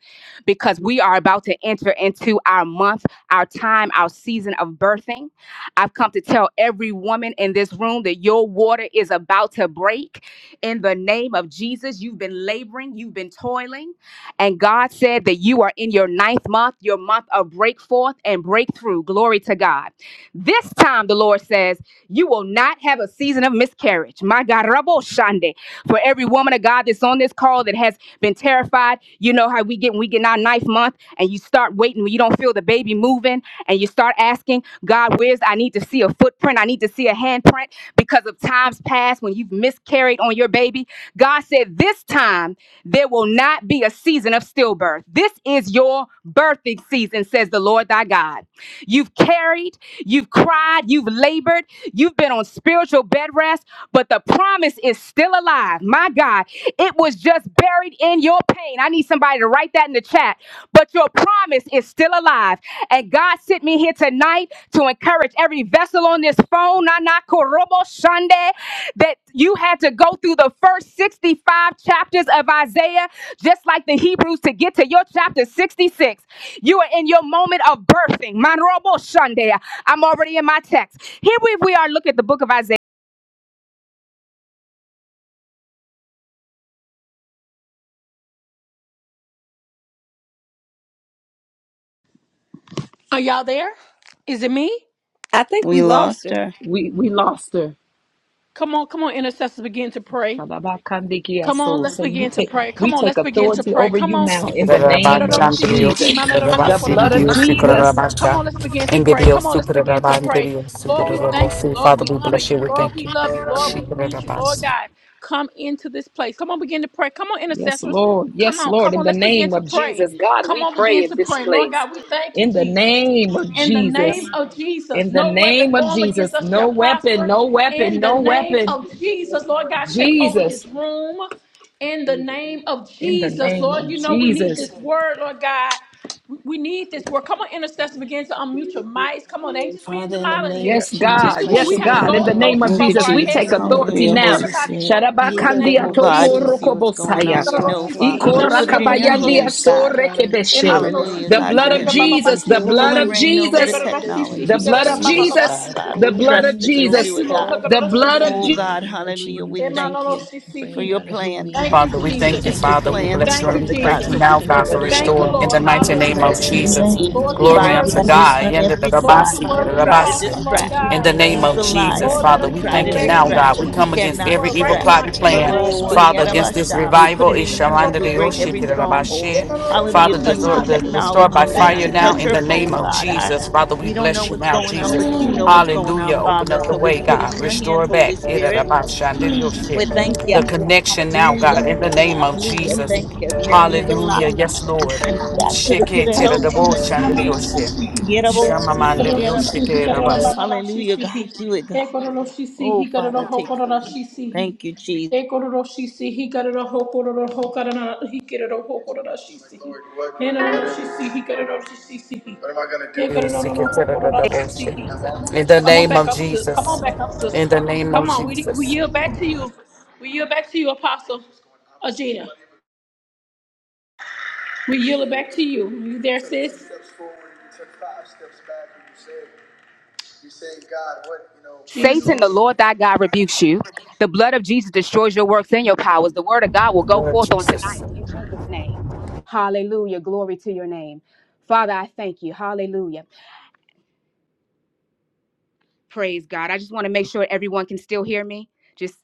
Speaker 9: because we are about to enter into our month, our time, our season of birthing. I've come to tell every woman in this room that your water is about to break in the name of Jesus. You've been laboring, you've been toiling, and God said that you are in your ninth month, your month of break forth and breakthrough. Glory to God. This time, the Lord says, you will not have a season of miscarriage. My God, Rabo Shande for every woman of God that's on this call that has been terrified. You know how we get when we get in our ninth month and you start waiting when you don't feel the baby moving and you start asking God, where's I need to see a footprint, I need to see a handprint because of times past when you've miscarried on your baby. God said, This time there will not be a season of stillbirth. This is your birthing season, says the Lord thy God. You've carried, you've cried, you've labored, you've been on spiritual bed rest, but the promise is still alive. My God, it was just buried in your pain. I need somebody to write that in the chat. But your promise is still alive. And God sent me here tonight tonight to encourage every vessel on this phone, Nana Korobo Shande, that you had to go through the first 65 chapters of Isaiah, just like the Hebrews, to get to your chapter 66. You are in your moment of birthing. Manrobo Shande. I'm already in my text. Here we, we are. Look at the book of Isaiah.
Speaker 1: Are y'all there? Is it me?
Speaker 3: I think we
Speaker 8: We
Speaker 3: lost
Speaker 8: lost
Speaker 3: her.
Speaker 8: her.
Speaker 4: We we lost her.
Speaker 1: Come on, come on, intercessors, begin to pray. Come on,
Speaker 4: Shababakandikiaso.
Speaker 1: let's
Speaker 4: Saying you
Speaker 1: begin to
Speaker 4: take
Speaker 1: pray.
Speaker 4: we
Speaker 1: Come on,
Speaker 4: take
Speaker 1: let's begin to
Speaker 4: authority
Speaker 1: pray.
Speaker 4: over
Speaker 1: Come
Speaker 4: you
Speaker 1: on.
Speaker 4: now in the name of
Speaker 10: Rabachan de
Speaker 1: Ha-da-da-da-shi-si-hi,
Speaker 10: Dios,
Speaker 4: Jesus. The
Speaker 10: Rabacin
Speaker 4: blood of
Speaker 10: Dios,
Speaker 1: ma-na-da-da-ho-ko-da-da-shi-si-hi.
Speaker 4: Jesus.
Speaker 1: Come on, let's begin
Speaker 10: Rabachan,
Speaker 1: to
Speaker 10: and the
Speaker 1: pray. Come
Speaker 10: Dios,
Speaker 1: on, let's
Speaker 10: Super
Speaker 1: begin to
Speaker 10: Raban de
Speaker 1: pray.
Speaker 10: Dios,
Speaker 1: Lord, we thank you.
Speaker 10: Rabosi.
Speaker 1: Lord,
Speaker 10: Father,
Speaker 1: we
Speaker 10: we
Speaker 1: honor
Speaker 10: bless you,
Speaker 1: you.
Speaker 10: we
Speaker 1: Lord,
Speaker 10: thank
Speaker 1: we
Speaker 10: you,
Speaker 1: love you. Lord, we need you. Lord
Speaker 10: Rabas.
Speaker 1: God, come into this place. Come on, begin to pray. Come on,
Speaker 4: Yes,
Speaker 1: intercessors.
Speaker 4: Lord.
Speaker 1: Come
Speaker 4: Yes,
Speaker 1: on,
Speaker 4: Lord.
Speaker 1: come
Speaker 4: In
Speaker 1: on,
Speaker 4: the
Speaker 1: let's begin
Speaker 4: name
Speaker 1: to
Speaker 4: of
Speaker 1: pray.
Speaker 4: Jesus. God,
Speaker 1: Come
Speaker 4: we
Speaker 1: on,
Speaker 4: pray
Speaker 1: begin
Speaker 4: in
Speaker 1: to
Speaker 4: this
Speaker 1: pray. Lord
Speaker 4: place.
Speaker 1: God, we thank you,
Speaker 4: In the
Speaker 1: Jesus.
Speaker 4: name of
Speaker 1: In the
Speaker 4: Jesus.
Speaker 1: name of Jesus,
Speaker 4: In the
Speaker 1: no weapon
Speaker 4: name of
Speaker 1: formed against
Speaker 4: Jesus.
Speaker 1: us shall
Speaker 4: No weapon,
Speaker 1: prosper.
Speaker 4: no weapon,
Speaker 1: In the
Speaker 4: no
Speaker 1: name
Speaker 4: weapon.
Speaker 1: of Jesus, Lord God, take over
Speaker 4: Jesus.
Speaker 1: this room. In the
Speaker 2: Jesus.
Speaker 1: name of
Speaker 4: In the
Speaker 1: Jesus,
Speaker 4: name
Speaker 1: Lord,
Speaker 4: of
Speaker 1: you know we need
Speaker 4: Jesus.
Speaker 1: this word, Lord God. We we need this word. Come on, intercessors,
Speaker 2: Father,
Speaker 1: begin to unmute
Speaker 2: we
Speaker 1: your
Speaker 2: praise you,
Speaker 1: mics. Come on, ain't
Speaker 2: praise
Speaker 1: just
Speaker 2: you, we
Speaker 1: me and
Speaker 11: Father, in the
Speaker 2: praise
Speaker 1: Jamila in
Speaker 11: name
Speaker 1: here.
Speaker 11: of
Speaker 4: Yes,
Speaker 11: Jesus,
Speaker 1: This
Speaker 4: God.
Speaker 1: is
Speaker 2: you.
Speaker 1: when
Speaker 11: bless
Speaker 2: Yes,
Speaker 1: we
Speaker 4: Yes,
Speaker 11: your
Speaker 1: have to
Speaker 4: God.
Speaker 11: name,
Speaker 4: In
Speaker 1: go
Speaker 4: the
Speaker 1: go
Speaker 11: Lord
Speaker 4: name
Speaker 1: to
Speaker 4: of
Speaker 8: Thank
Speaker 11: God.
Speaker 8: you,
Speaker 1: above
Speaker 4: Jesus,
Speaker 1: our
Speaker 4: we
Speaker 11: Father,
Speaker 4: take
Speaker 11: in
Speaker 8: Jesus.
Speaker 1: heaven.
Speaker 11: the name
Speaker 1: We
Speaker 11: of
Speaker 4: authority
Speaker 8: Hallelujah,
Speaker 1: need
Speaker 4: now.
Speaker 8: Holy
Speaker 11: Jesus.
Speaker 1: everybody
Speaker 8: Spirit.
Speaker 1: praying in
Speaker 11: Ye
Speaker 1: the
Speaker 2: right
Speaker 11: da
Speaker 2: now,
Speaker 11: da
Speaker 1: name
Speaker 4: Sharabakandia
Speaker 1: of
Speaker 8: Oh,
Speaker 11: da
Speaker 2: in
Speaker 11: bo
Speaker 8: God, you
Speaker 11: si.
Speaker 2: the
Speaker 8: see
Speaker 1: Jesus.
Speaker 2: name
Speaker 8: what's going
Speaker 4: tokorokobosaya.
Speaker 8: on.
Speaker 11: Yes,
Speaker 8: You know,
Speaker 11: God, da
Speaker 1: Ikarorosisi,
Speaker 11: da
Speaker 2: of
Speaker 11: da
Speaker 8: Father.
Speaker 2: the
Speaker 11: bo
Speaker 8: We
Speaker 2: Lord,
Speaker 8: put
Speaker 1: higanano
Speaker 8: it in your
Speaker 11: si.
Speaker 4: Ikorakabayandia
Speaker 8: hands,
Speaker 1: hokororosisi.
Speaker 11: loose, oh
Speaker 8: God.
Speaker 11: God,
Speaker 4: sorekebeshe.
Speaker 11: bring her
Speaker 8: Hallelujah,
Speaker 1: Emanorosisi,
Speaker 4: The
Speaker 8: God.
Speaker 11: out.
Speaker 4: blood
Speaker 11: Her
Speaker 8: You
Speaker 4: of
Speaker 1: higarida
Speaker 8: have
Speaker 11: ears be
Speaker 4: Jesus, the
Speaker 1: bababasisa.
Speaker 11: glad to
Speaker 8: rule
Speaker 4: blood
Speaker 8: and
Speaker 4: of
Speaker 8: reign
Speaker 11: bleed
Speaker 8: over
Speaker 11: the
Speaker 8: the
Speaker 4: Jesus,
Speaker 11: blood of
Speaker 1: Ekarorosisi,
Speaker 4: the
Speaker 8: technology. And
Speaker 4: blood
Speaker 8: so
Speaker 1: higarida
Speaker 4: of
Speaker 11: Jesus.
Speaker 8: we
Speaker 11: Yes,
Speaker 8: believe,
Speaker 4: Jesus,
Speaker 11: God,
Speaker 1: bababasisi.
Speaker 8: God,
Speaker 4: the
Speaker 8: we
Speaker 2: we are
Speaker 4: blood of
Speaker 8: trust that you'll
Speaker 2: free.
Speaker 8: do
Speaker 1: Thank
Speaker 11: Jesus,
Speaker 4: Jesus,
Speaker 1: you,
Speaker 8: it,
Speaker 1: Lord.
Speaker 8: God.
Speaker 11: Father
Speaker 4: the
Speaker 11: God,
Speaker 4: blood
Speaker 1: Hakarorosisi,
Speaker 11: in the
Speaker 4: of
Speaker 8: Oh,
Speaker 1: hi.
Speaker 4: Jesus.
Speaker 8: God,
Speaker 11: name of
Speaker 8: hallelujah. We
Speaker 11: Jesus,
Speaker 8: thank you
Speaker 1: Emanorosisi,
Speaker 8: for
Speaker 1: hi.
Speaker 11: bring
Speaker 8: your
Speaker 11: out of here.
Speaker 8: plan, God.
Speaker 11: We,
Speaker 1: Thank you,
Speaker 10: Father,
Speaker 11: we,
Speaker 10: we
Speaker 11: we
Speaker 10: thank
Speaker 1: Jesus.
Speaker 10: you,
Speaker 11: thank you
Speaker 8: Your
Speaker 10: Father,
Speaker 11: for
Speaker 10: we
Speaker 11: your
Speaker 8: plans are
Speaker 11: word,
Speaker 10: bless you,
Speaker 1: Thank
Speaker 10: and
Speaker 1: you,
Speaker 11: oh
Speaker 10: we
Speaker 8: perfect,
Speaker 10: pray
Speaker 8: God.
Speaker 10: to
Speaker 1: Jesus.
Speaker 11: God.
Speaker 8: So
Speaker 11: We
Speaker 8: we
Speaker 10: now,
Speaker 11: thank
Speaker 8: put
Speaker 11: you
Speaker 10: God,
Speaker 11: for
Speaker 10: for
Speaker 8: your
Speaker 11: the
Speaker 1: Thank
Speaker 11: speaker
Speaker 1: you,
Speaker 10: restoring
Speaker 11: on
Speaker 10: in
Speaker 1: Lord.
Speaker 10: the
Speaker 11: tonight,
Speaker 10: mighty
Speaker 11: oh
Speaker 10: name of
Speaker 1: Hallelujah.
Speaker 11: God,
Speaker 8: situation
Speaker 11: in
Speaker 8: in
Speaker 11: the
Speaker 10: Jesus.
Speaker 8: your
Speaker 11: name
Speaker 8: hands.
Speaker 1: Lord,
Speaker 8: We
Speaker 11: of
Speaker 1: you're
Speaker 10: Glory
Speaker 8: bind the
Speaker 10: unto
Speaker 1: worthy.
Speaker 11: Jesus.
Speaker 8: enemy
Speaker 10: God,
Speaker 8: on
Speaker 10: in the
Speaker 8: every
Speaker 11: Oh,
Speaker 1: Lord,
Speaker 8: side
Speaker 1: you're
Speaker 10: Rabasi,
Speaker 8: who would
Speaker 1: worthy.
Speaker 11: Father,
Speaker 1: You're
Speaker 8: try to
Speaker 1: awesome,
Speaker 10: Rabasi.
Speaker 1: Lord
Speaker 8: distract.
Speaker 11: thank you,
Speaker 10: In
Speaker 1: God.
Speaker 10: the
Speaker 11: Lord
Speaker 10: name
Speaker 8: He's
Speaker 10: of
Speaker 11: God.
Speaker 8: a liar.
Speaker 10: Jesus,
Speaker 1: Lord,
Speaker 8: He
Speaker 1: let
Speaker 10: Father,
Speaker 8: would
Speaker 1: us
Speaker 10: we
Speaker 1: come
Speaker 8: try
Speaker 1: on
Speaker 8: to
Speaker 10: thank you
Speaker 11: Yes,
Speaker 1: back,
Speaker 10: now,
Speaker 11: Lord
Speaker 1: Jesus,
Speaker 10: God. We
Speaker 1: so
Speaker 8: distract.
Speaker 1: we
Speaker 8: He
Speaker 1: can
Speaker 10: come
Speaker 1: get
Speaker 11: Jesus.
Speaker 1: this
Speaker 10: against
Speaker 8: cannot
Speaker 10: every
Speaker 1: word
Speaker 10: evil
Speaker 1: right
Speaker 8: distract.
Speaker 10: plot
Speaker 1: now
Speaker 10: and
Speaker 1: in the
Speaker 11: Cover our
Speaker 1: name
Speaker 10: plan,
Speaker 8: Oh,
Speaker 1: of
Speaker 11: speak.
Speaker 10: Father, against
Speaker 1: Jesus.
Speaker 10: this
Speaker 8: Hariyarabasha. we put
Speaker 10: revival.
Speaker 8: it in
Speaker 1: Thank
Speaker 8: your hands.
Speaker 10: Ishamanda
Speaker 1: you,
Speaker 8: We
Speaker 10: de
Speaker 8: break
Speaker 10: Yoshi,
Speaker 8: every
Speaker 1: Jesus.
Speaker 8: stronghold.
Speaker 10: Rabashir.
Speaker 8: Hallelujah. Touch the
Speaker 10: Father, Start by
Speaker 8: technology
Speaker 1: Thank
Speaker 10: fire
Speaker 1: you,
Speaker 8: tonight.
Speaker 10: now
Speaker 8: Touch
Speaker 10: in
Speaker 8: her
Speaker 10: the
Speaker 1: Jesus.
Speaker 10: name
Speaker 8: phone,
Speaker 10: of
Speaker 8: God. I,
Speaker 10: Jesus. Father, we
Speaker 8: we don't know
Speaker 10: bless you
Speaker 8: what's
Speaker 10: now,
Speaker 8: going on,
Speaker 10: Jesus.
Speaker 8: but you know what's going
Speaker 10: Hallelujah.
Speaker 8: on,
Speaker 10: Open
Speaker 8: Father.
Speaker 10: up the
Speaker 8: So we
Speaker 10: way,
Speaker 8: put it
Speaker 10: God.
Speaker 8: in your
Speaker 10: Restore
Speaker 8: hands, Holy
Speaker 10: back. The
Speaker 8: Spirit. We thank you.
Speaker 10: connection now,
Speaker 8: Hallelujah,
Speaker 10: God, in the name
Speaker 8: God.
Speaker 10: of
Speaker 8: Hallelujah.
Speaker 10: Jesus.
Speaker 8: Thank you. The enemy's a
Speaker 10: Hallelujah.
Speaker 8: liar.
Speaker 10: Yes,
Speaker 8: We
Speaker 10: Lord.
Speaker 8: send him
Speaker 10: In
Speaker 8: back to the pit of
Speaker 1: Thank
Speaker 8: hell from whence he came.
Speaker 1: you, Jesus. See,
Speaker 8: Yerabosiki,
Speaker 1: See, See,
Speaker 8: yerabacha.
Speaker 1: See, See,
Speaker 8: Hallelujah,
Speaker 1: See,
Speaker 8: God.
Speaker 1: he.
Speaker 8: Do it, God.
Speaker 1: Ecorolo, she See,
Speaker 8: Oh,
Speaker 1: he he.
Speaker 8: Father, take full control.
Speaker 1: he he.
Speaker 8: Thank you, Jesus.
Speaker 1: Ecorolo, she see he got a hokoro, hokara, he. get a hokoro, she see. And a she see he got a she see he. Kororoshisi, hikarorobababashisihi. Ekororoshisi, hikarorohokororashisihi. Ekororoshisi, hikarorohokororohokarana- hikarorohokororashisihi. Enororoshisi, See, he.
Speaker 10: the
Speaker 1: Come on
Speaker 10: name
Speaker 1: back
Speaker 10: of
Speaker 1: up, sis. Come
Speaker 10: Jesus.
Speaker 1: on back up, sis.
Speaker 10: In the name of
Speaker 1: Come on, we, we
Speaker 10: Jesus.
Speaker 1: yield back to you. We yield back to you, Apostle Agena. We yield it back to you. You there, sis? Jesus.
Speaker 9: Satan,
Speaker 1: order-
Speaker 9: the Lord thy God rebukes you. The blood of Jesus destroys your works and your powers. The word of God will go
Speaker 10: Lord
Speaker 9: forth on
Speaker 10: Jesus.
Speaker 9: tonight in Jesus' name. Hallelujah. Glory to your name. Father, I thank you. Hallelujah. Praise God. I just want to make sure everyone can still hear me. Just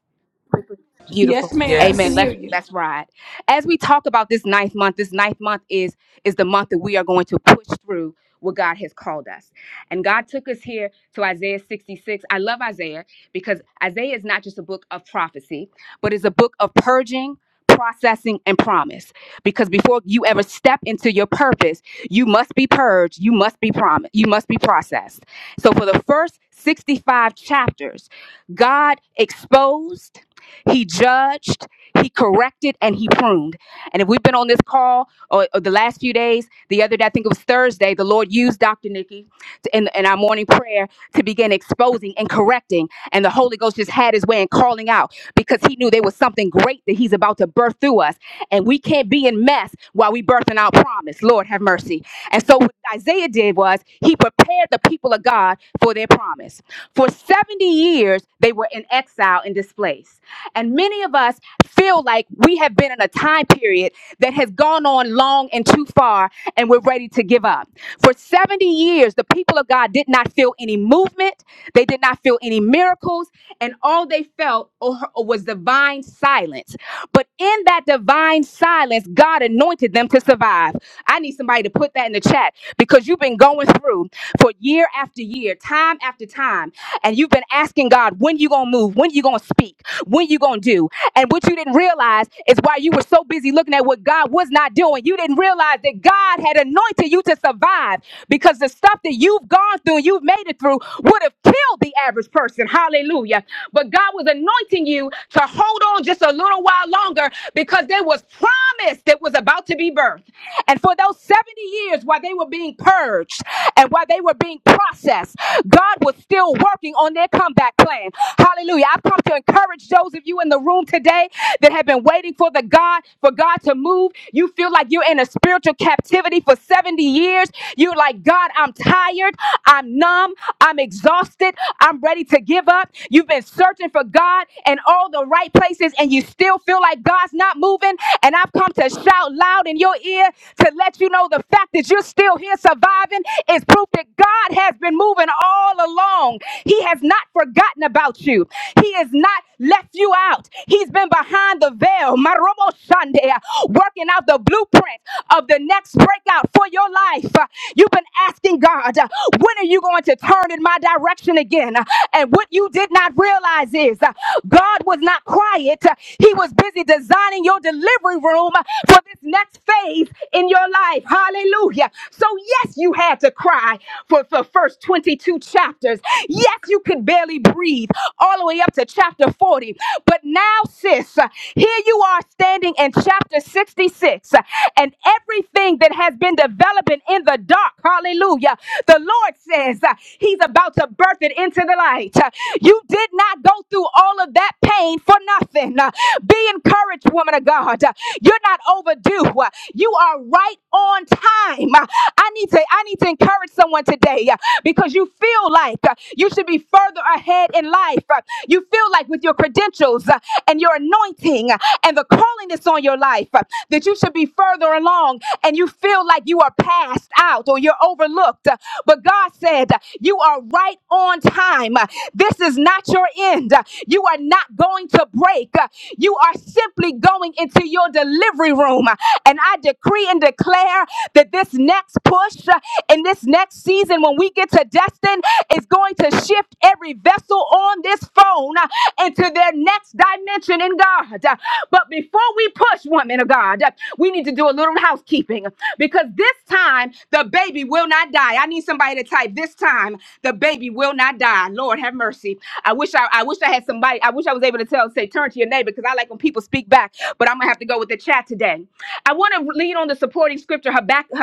Speaker 9: Beautiful.
Speaker 1: Yes, ma'am. We can
Speaker 9: Amen.
Speaker 10: Yes.
Speaker 1: hear
Speaker 9: Let's
Speaker 1: you.
Speaker 9: let's ride. As we talk about this ninth month, this ninth month is is the month that we are going to push through what God has called us. And God took us here to Isaiah 66. I love Isaiah because Isaiah is not just a book of prophecy, but is a book of purging, processing, and promise. Because before you ever step into your purpose, you must be purged, you must be promised, you must be processed. So for the first 65 chapters, God exposed he judged, he corrected, and he pruned. And if we've been on this call or, or the last few days, the other day, I think it was Thursday, the Lord used Dr. Nikki to- in, in our morning prayer to begin exposing and correcting. And the Holy Ghost just had his way in calling out because he knew there was something great that he's about to birth through us. And we can't be in mess while we birthing out promise. Lord have mercy. And so what Isaiah did was he prepared the people of God for their promise. For 70 years, they were in exile and displaced. And many of us feel like we have been in a time period that has gone on long and too far, and we're ready to give up. For 70 years, the people of God did not feel any movement, they did not feel any miracles, and all they felt was divine silence. But in that divine silence, God anointed them to survive. I need somebody to put that in the chat because you've been going through for year after year, time after time, and you've been asking God, when you gonna move, when you gonna speak. When you gonna do? And what you didn't realize is why you were so busy looking at what God was not doing. You didn't realize that God had anointed you to survive because the stuff that you've gone through you've made it through would have killed the average person. Hallelujah. But God was anointing you to hold on just a little while longer because there was promise that was about to be birthed. And for those 70 years while they were being purged and while they were being processed, God was still working on their comeback plan. Hallelujah. I've come to encourage those of you in the room today that have been waiting for the God, for God to move. You feel like you're in a spiritual captivity captivity for 70 years. You're like, God, I'm tired. I'm numb. I'm exhausted. I'm ready to give up. You've been searching for God in all the right places and you still feel like God's not moving. And I've come to shout loud in your ear to let you know the fact that you're still here surviving is proof that God has been moving all along. He has not forgotten about you. He is not left you out. He's been behind the veil, Marobo Sunday, uh, working out the blueprint of the next breakout for your life. Uh, You've been asking God, uh, when are you going to turn in my direction again? Uh, And what you did not realize is uh, God was not quiet. Uh, He was busy designing your delivery room uh, for this next phase in your life. Hallelujah. So, yes, you had to cry for the first 22 chapters. Yes, you could barely breathe all the way way up to chapter 40. But now, sis, here you are standing in chapter 66, and everything that has been developing in the dark, hallelujah, the Lord says uh, He's about to birth it into the light. Uh, You did not go through all of that pain for nothing. Uh, Be encouraged, woman of God. Uh, You're not overdue. Uh, You are right on time. Uh, I need to I need to encourage someone today uh, because you feel like uh, you should be further ahead in life, uh, you feel like with your credentials uh, and your anointing uh, and the calling that's on your life, uh, that you should be further along and you feel like you are passed out or you're overlooked. Uh, But God said, uh, You are right on time. Uh, This is not your end. Uh, You are not going to break. Uh, You are simply going into your delivery room. Uh, And I decree and declare that this next push uh, in this next season, when we get to Destin, is going to shift shift every vessel on this phone uh, into their next dimension in God. Uh, But before we push, woman of God, uh, we need to do a little housekeeping because this time the baby will not die. I need somebody to type this time the baby will not die. Lord have mercy. I wish I, I wish I had somebody. I wish I was able to tell say turn to your neighbor because I like when people speak back. But I'm gonna have to go with the chat today. I want to lean on the supporting scripture Habakkuk,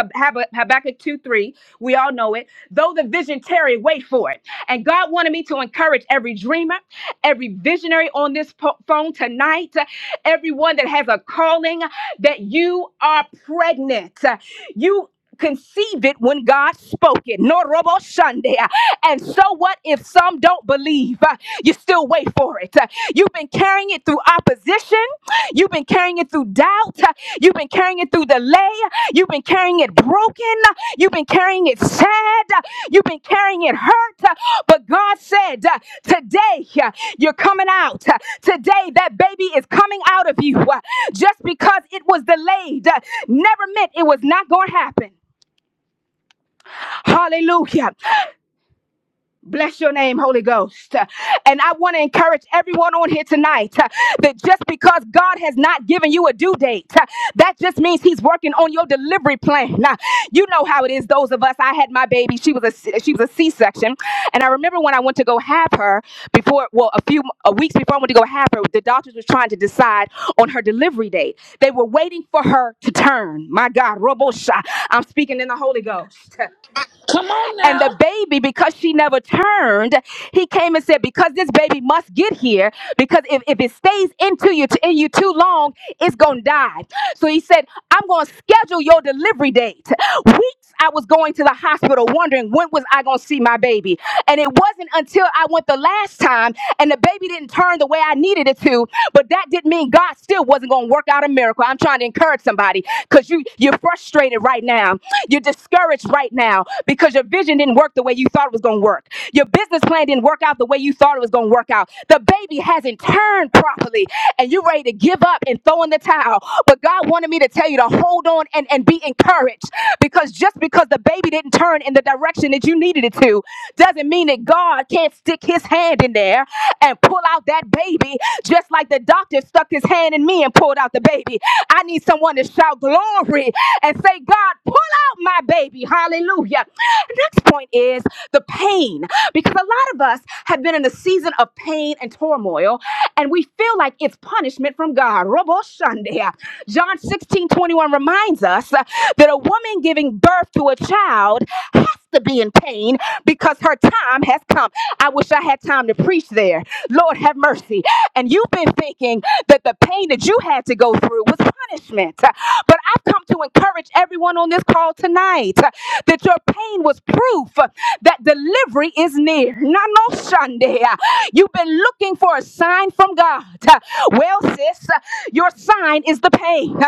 Speaker 9: Habakkuk two three. We all know it. Though the vision tarry, wait for it. And God wanted me to encourage every dreamer, every visionary on this po- phone tonight, everyone that has a calling that you are pregnant. You conceive it when God spoke it. No robo Sunday. And so what if some don't believe? Uh, You still wait for it. Uh, You've been carrying it through opposition. You've been carrying it through doubt. Uh, You've been carrying it through delay. You've been carrying it broken. You've been carrying it sad. You've been carrying it hurt. But God said, Today you're coming out. Today that baby is coming out of you. Just because it was delayed never meant it was not going to happen. Hallelujah. Bless your name, Holy Ghost. And I want to encourage everyone on here tonight uh, that just because God has not given you a due date, uh, that just means He's working on your delivery plan. Now, you know how it is. Those of us, I had my baby. She was a she was a C section, and I remember when I went to go have her before, well, a few uh, weeks before I went to go have her, the doctors were trying to decide on her delivery date. They were waiting for her to turn. My God, Robosha. I'm speaking in the Holy Ghost.
Speaker 1: Come on
Speaker 9: And
Speaker 1: now.
Speaker 9: the baby, because she never turned, he came and said, Because this baby must get here, because if, if it stays into you in you too long, it's gonna die. So he said, I'm gonna schedule your delivery date. Weeks I was going to the hospital wondering when was I gonna see my baby. And it wasn't until I went the last time and the baby didn't turn the way I needed it to, but that didn't mean God still wasn't gonna work out a miracle. I'm trying to encourage somebody because you you're frustrated right now. You're discouraged right now because your vision didn't work the way you thought it was going to work. Your business plan didn't work out the way you thought it was going to work out. The baby hasn't turned properly, and you're ready to give up and throw in the towel. But God wanted me to tell you to hold on and, and be encouraged because just because the baby didn't turn in the direction that you needed it to doesn't mean that God can't stick his hand in there and pull out that baby just like the doctor stuck his hand in me and pulled out the baby. I need someone to shout glory and say, God, pull out my baby. Hallelujah. Next point is the pain because a lot of us have been in a season of pain and turmoil and we feel like it's punishment from God. Robo Sunday. John 16 21 reminds us uh, that a woman giving birth to a child has to be in pain because her time has come. I wish I had time to preach there. Lord have mercy. And you've been thinking that the pain that you had to go through was punishment. Uh, But I've come to encourage everyone on this call tonight uh, that your pain was proof uh, that delivery is near. Nano Sunday. You've been looking for a sign from God. Well, sis, your sign is the pain.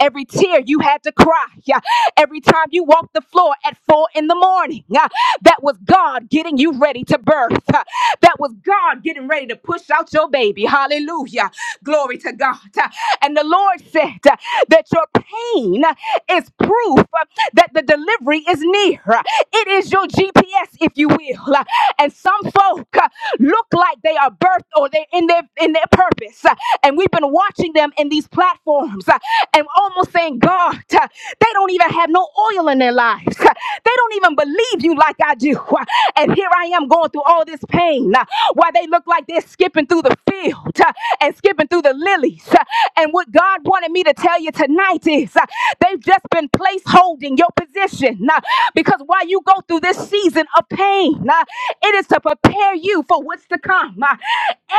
Speaker 9: Every tear you had to cry every time you walk the floor at four in the morning. Ah, That was God getting you ready to birth. Ah, That was God getting ready to push out your baby. Hallelujah. Glory to God. Ah, And the Lord said ah, that your pain ah, is proof ah, that the delivery is near. Ah, It is your GPS, if you will. Ah, And some folk ah, look like they are birthed or they're in their in their purpose. Ah, And we've been watching them in these platforms. Uh, and almost saying, God, uh, they don't even have no oil in their lives. Uh, They don't even believe you like I do. Uh, And here I am going through all this pain uh, while they look like they're skipping through the field uh, and skipping through the lilies. Uh, And what God wanted me to tell you tonight is uh, they've just been place holding your position uh, because while you go through this season of pain, uh, it is to prepare you for what's to come. Uh,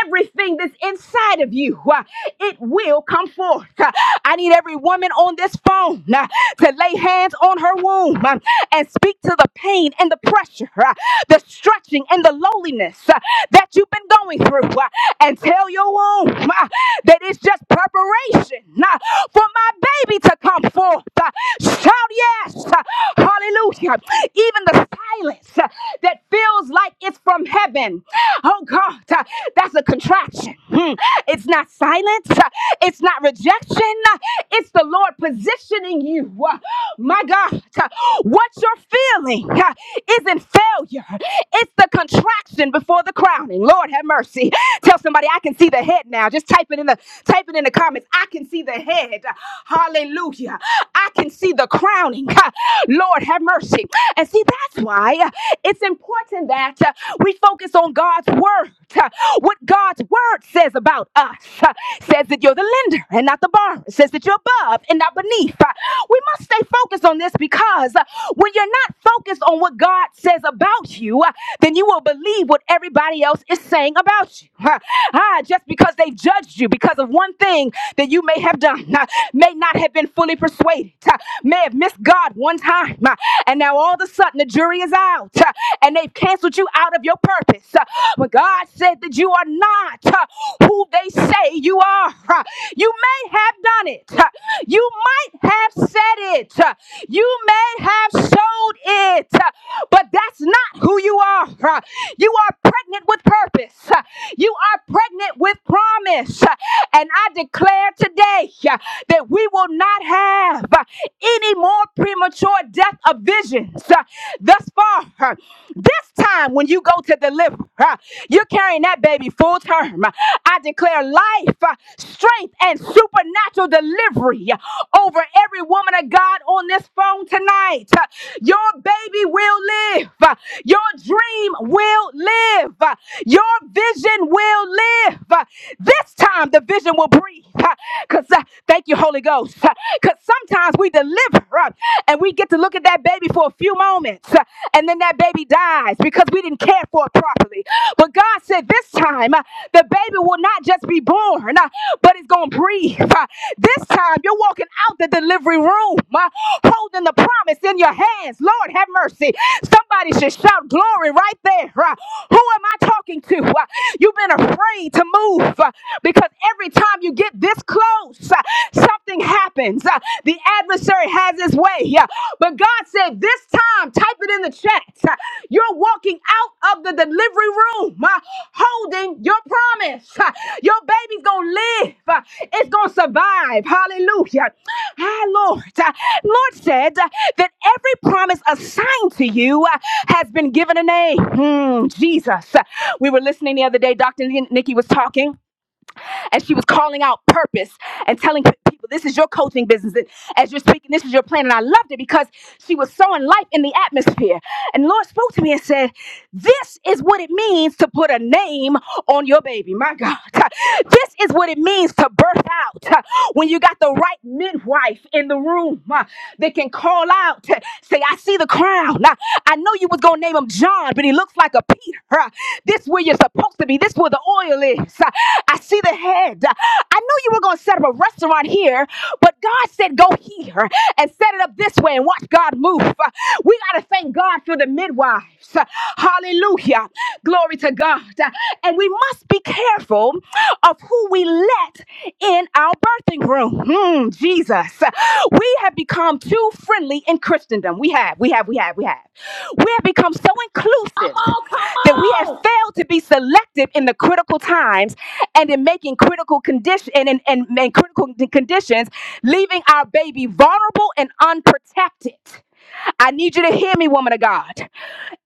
Speaker 9: Everything that's inside of you. uh, it will come forth. Uh, I need every woman on this phone uh, to lay hands on her womb um, and speak to the pain and the pressure, uh, the stretching and the loneliness uh, that you've been going through, uh, and tell your womb uh, that it's just preparation uh, for my baby to come forth. Uh, Shout yes, uh, hallelujah. Even the silence uh, that feels like it's from heaven. Oh God, uh, that's a contraction. Hmm. It's not silence. It's not rejection. It's the Lord positioning you. My God, what you're feeling isn't failure. It's the contraction before the crowning. Lord have mercy. Tell somebody I can see the head now. Just type it in the type it in the comments. I can see the head. Hallelujah. I I can see the crowning. <laughs> Lord, have mercy. And see, that's why uh, it's important that uh, we focus on God's word, uh, what God's word says about us. uh, Says that you're the lender and not the borrower. It Says that you're above and not beneath. Uh, We must stay focused on this because uh, when you're not focused on what God says about you, uh, then you will believe what everybody else is saying about you. <laughs> Huh. Ah, just because they've judged you because of one thing that you may have done, uh, may not have been had been fully persuaded, uh, may have missed God one time, uh, and now all of a sudden the jury is out uh, and they've canceled you out of your purpose. Uh, But God said that you are not uh, who they say you are. Uh, You may have done it, uh, you might have said it, uh, you may have showed it, uh, but that's not who you are. Uh, You are pregnant with purpose, Uh, you are pregnant with promise, Uh, and I declare today. uh, that we will not have uh, any more premature death of visions uh, thus far. Uh, This time, when you go to deliver, uh, you're carrying that baby full term. Uh, I declare life, uh, strength, and supernatural delivery uh, over every woman of God on this phone tonight. Uh, Your baby will live. Uh, Your dream will live. Uh, Your vision will live. Uh, This time, the vision will breathe. Because uh, thank you, Holy Ghost. Because sometimes we deliver uh, and we get to look at that baby for a few moments uh, and then that baby dies because we didn't care for it properly. But God said this time uh, the baby will not just be born, uh, but it's going to breathe. Uh, This time you're walking out the delivery room uh, holding the promise in your hands. Lord, have mercy. Somebody should shout glory right there. uh, Who am I talking to? Uh, You've been afraid to move uh, because every time you get this close, uh, something happens. Uh, The adversary has his way. Yeah. But God said, This time, type it in the chat. Uh, You're walking out of the delivery room uh, holding your promise. Uh, Your baby's going to live, Uh, it's going to survive. Hallelujah. Ah, Lord. Uh, Lord said uh, that every promise assigned to you uh, has been given a name. Hmm, Jesus. Uh, We were listening the other day, Dr. Nikki was talking as she was calling out purpose and telling p- people, this is your coaching business. And as you're speaking, this is your plan. And I loved it because she was sowing life in the atmosphere. And the Lord spoke to me and said, This is what it means to put a name on your baby. My God. <laughs> This is what it means to birth out <laughs> when you got the right midwife in the room uh, that can call out, <laughs> say, I see see the crown. Now, I know you was gonna name him John, but he looks like a Peter. <laughs> Uh, This where you're supposed to be. This where the oil is. Uh, I see the head. Uh, I know you were gonna set up a restaurant here, but God said go here and set it up this way and watch God move. Uh, We gotta thank God for the midwives. Uh, Hallelujah. Glory to God. Uh, And we must be careful of who we let in our birthing room. Hmm, Jesus. We have become too friendly in Christendom. We have, we have, we have, we have. We have become so
Speaker 1: Come
Speaker 9: inclusive
Speaker 1: on,
Speaker 9: that we
Speaker 1: come
Speaker 9: have
Speaker 1: on.
Speaker 9: failed to be selective in the critical times and in making critical condition and, and, and, and critical conditions, leaving our baby vulnerable and unprotected. I need you to hear me, woman of God.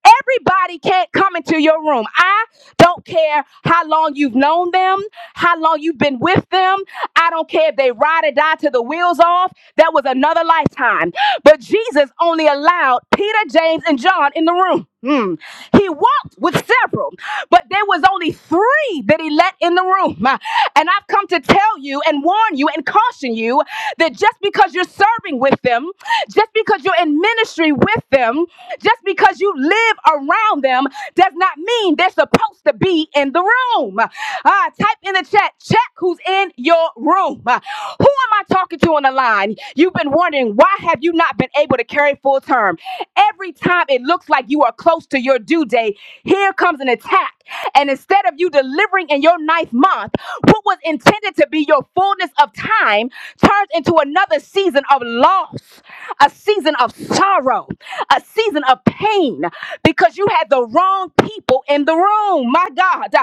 Speaker 9: Everybody can't come into your room. I don't care how long you've known them, how long you've been with them. I don't care if they ride or die to the wheels off. That was another lifetime. But Jesus only allowed Peter, James, and John in the room. Mm. He walked with several, but there was only three that he let in the room. And I've come to tell you and warn you and caution you that just because you're serving with them, just because you're in ministry with them, just because you live around them, does not mean they're supposed to be in the room. Ah, type in the chat Check who's in your room. Uh, Who am I talking to on the line? You've been wondering why have you not been able to carry full term? Every time it looks like you are close to your due date, here comes an attack. And instead of you delivering in your ninth month, what was intended to be your fullness of time turns into another season of loss a season of sorrow, a season of pain, because you had the wrong people in the room, my God.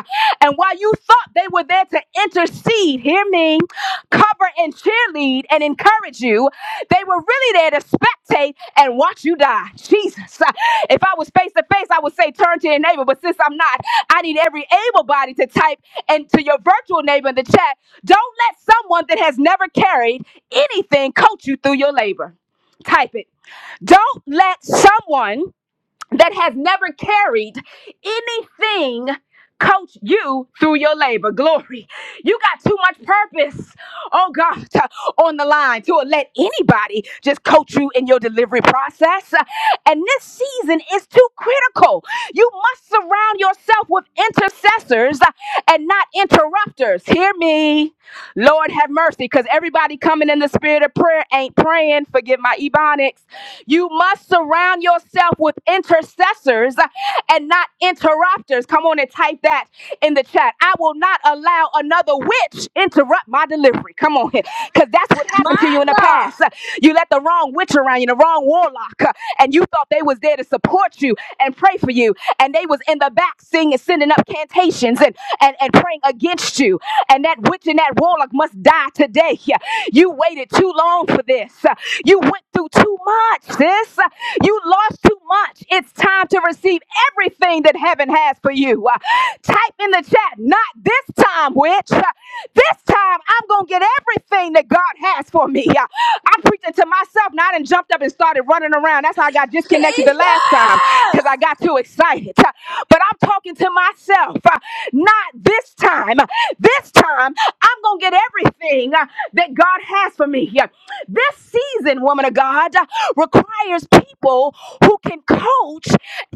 Speaker 9: And while you thought they were there to intercede, hear me, cover and cheerlead and encourage you, they were really there to spectate and watch you die. Jesus. If I was face to face, I would say turn to your neighbor, but since I'm not, I need every able body to type into your virtual neighbor in the chat. Don't let someone that has never carried anything coach you through your labor. Type it. Don't let someone that has never carried anything coach you through your labor. Glory. You got too much purpose, oh God, on the line to let anybody just coach you in your delivery process. And this season is too critical. You must surround yourself with intercessors and not interrupters. Hear me. Lord have mercy, because everybody coming in the spirit of prayer ain't praying. Forgive my ebonics. You must surround yourself with intercessors uh, and not interrupters. Come on and type that in the chat. I will not allow another witch interrupt my delivery. Come on here. Because that's what happened to you
Speaker 1: My
Speaker 9: in the
Speaker 1: God.
Speaker 9: past. You let the wrong witch around you, the wrong warlock, uh, and you thought they was there to support you and pray for you. And they was in the back singing, sending up cantations and, and, and praying against you. And that witch and that warlock must die today. Yeah. You waited too long for this. You went through too much, sis. You lost too much. It's time to receive everything that heaven has for you. Uh, Type in the chat, not this time, witch. Uh, this time I'm gonna get everything that God has for me. <laughs> I- I'm preaching to myself now. I done jumped up and started running around. That's how I got disconnected the last time because I
Speaker 1: Jesus.
Speaker 9: got too excited. <laughs> But I'm talking to myself. uh, Not this time. <laughs> This time I'm gonna get everything uh, that God has for me. <laughs> This season, woman of God, <laughs> uh, requires people who can coach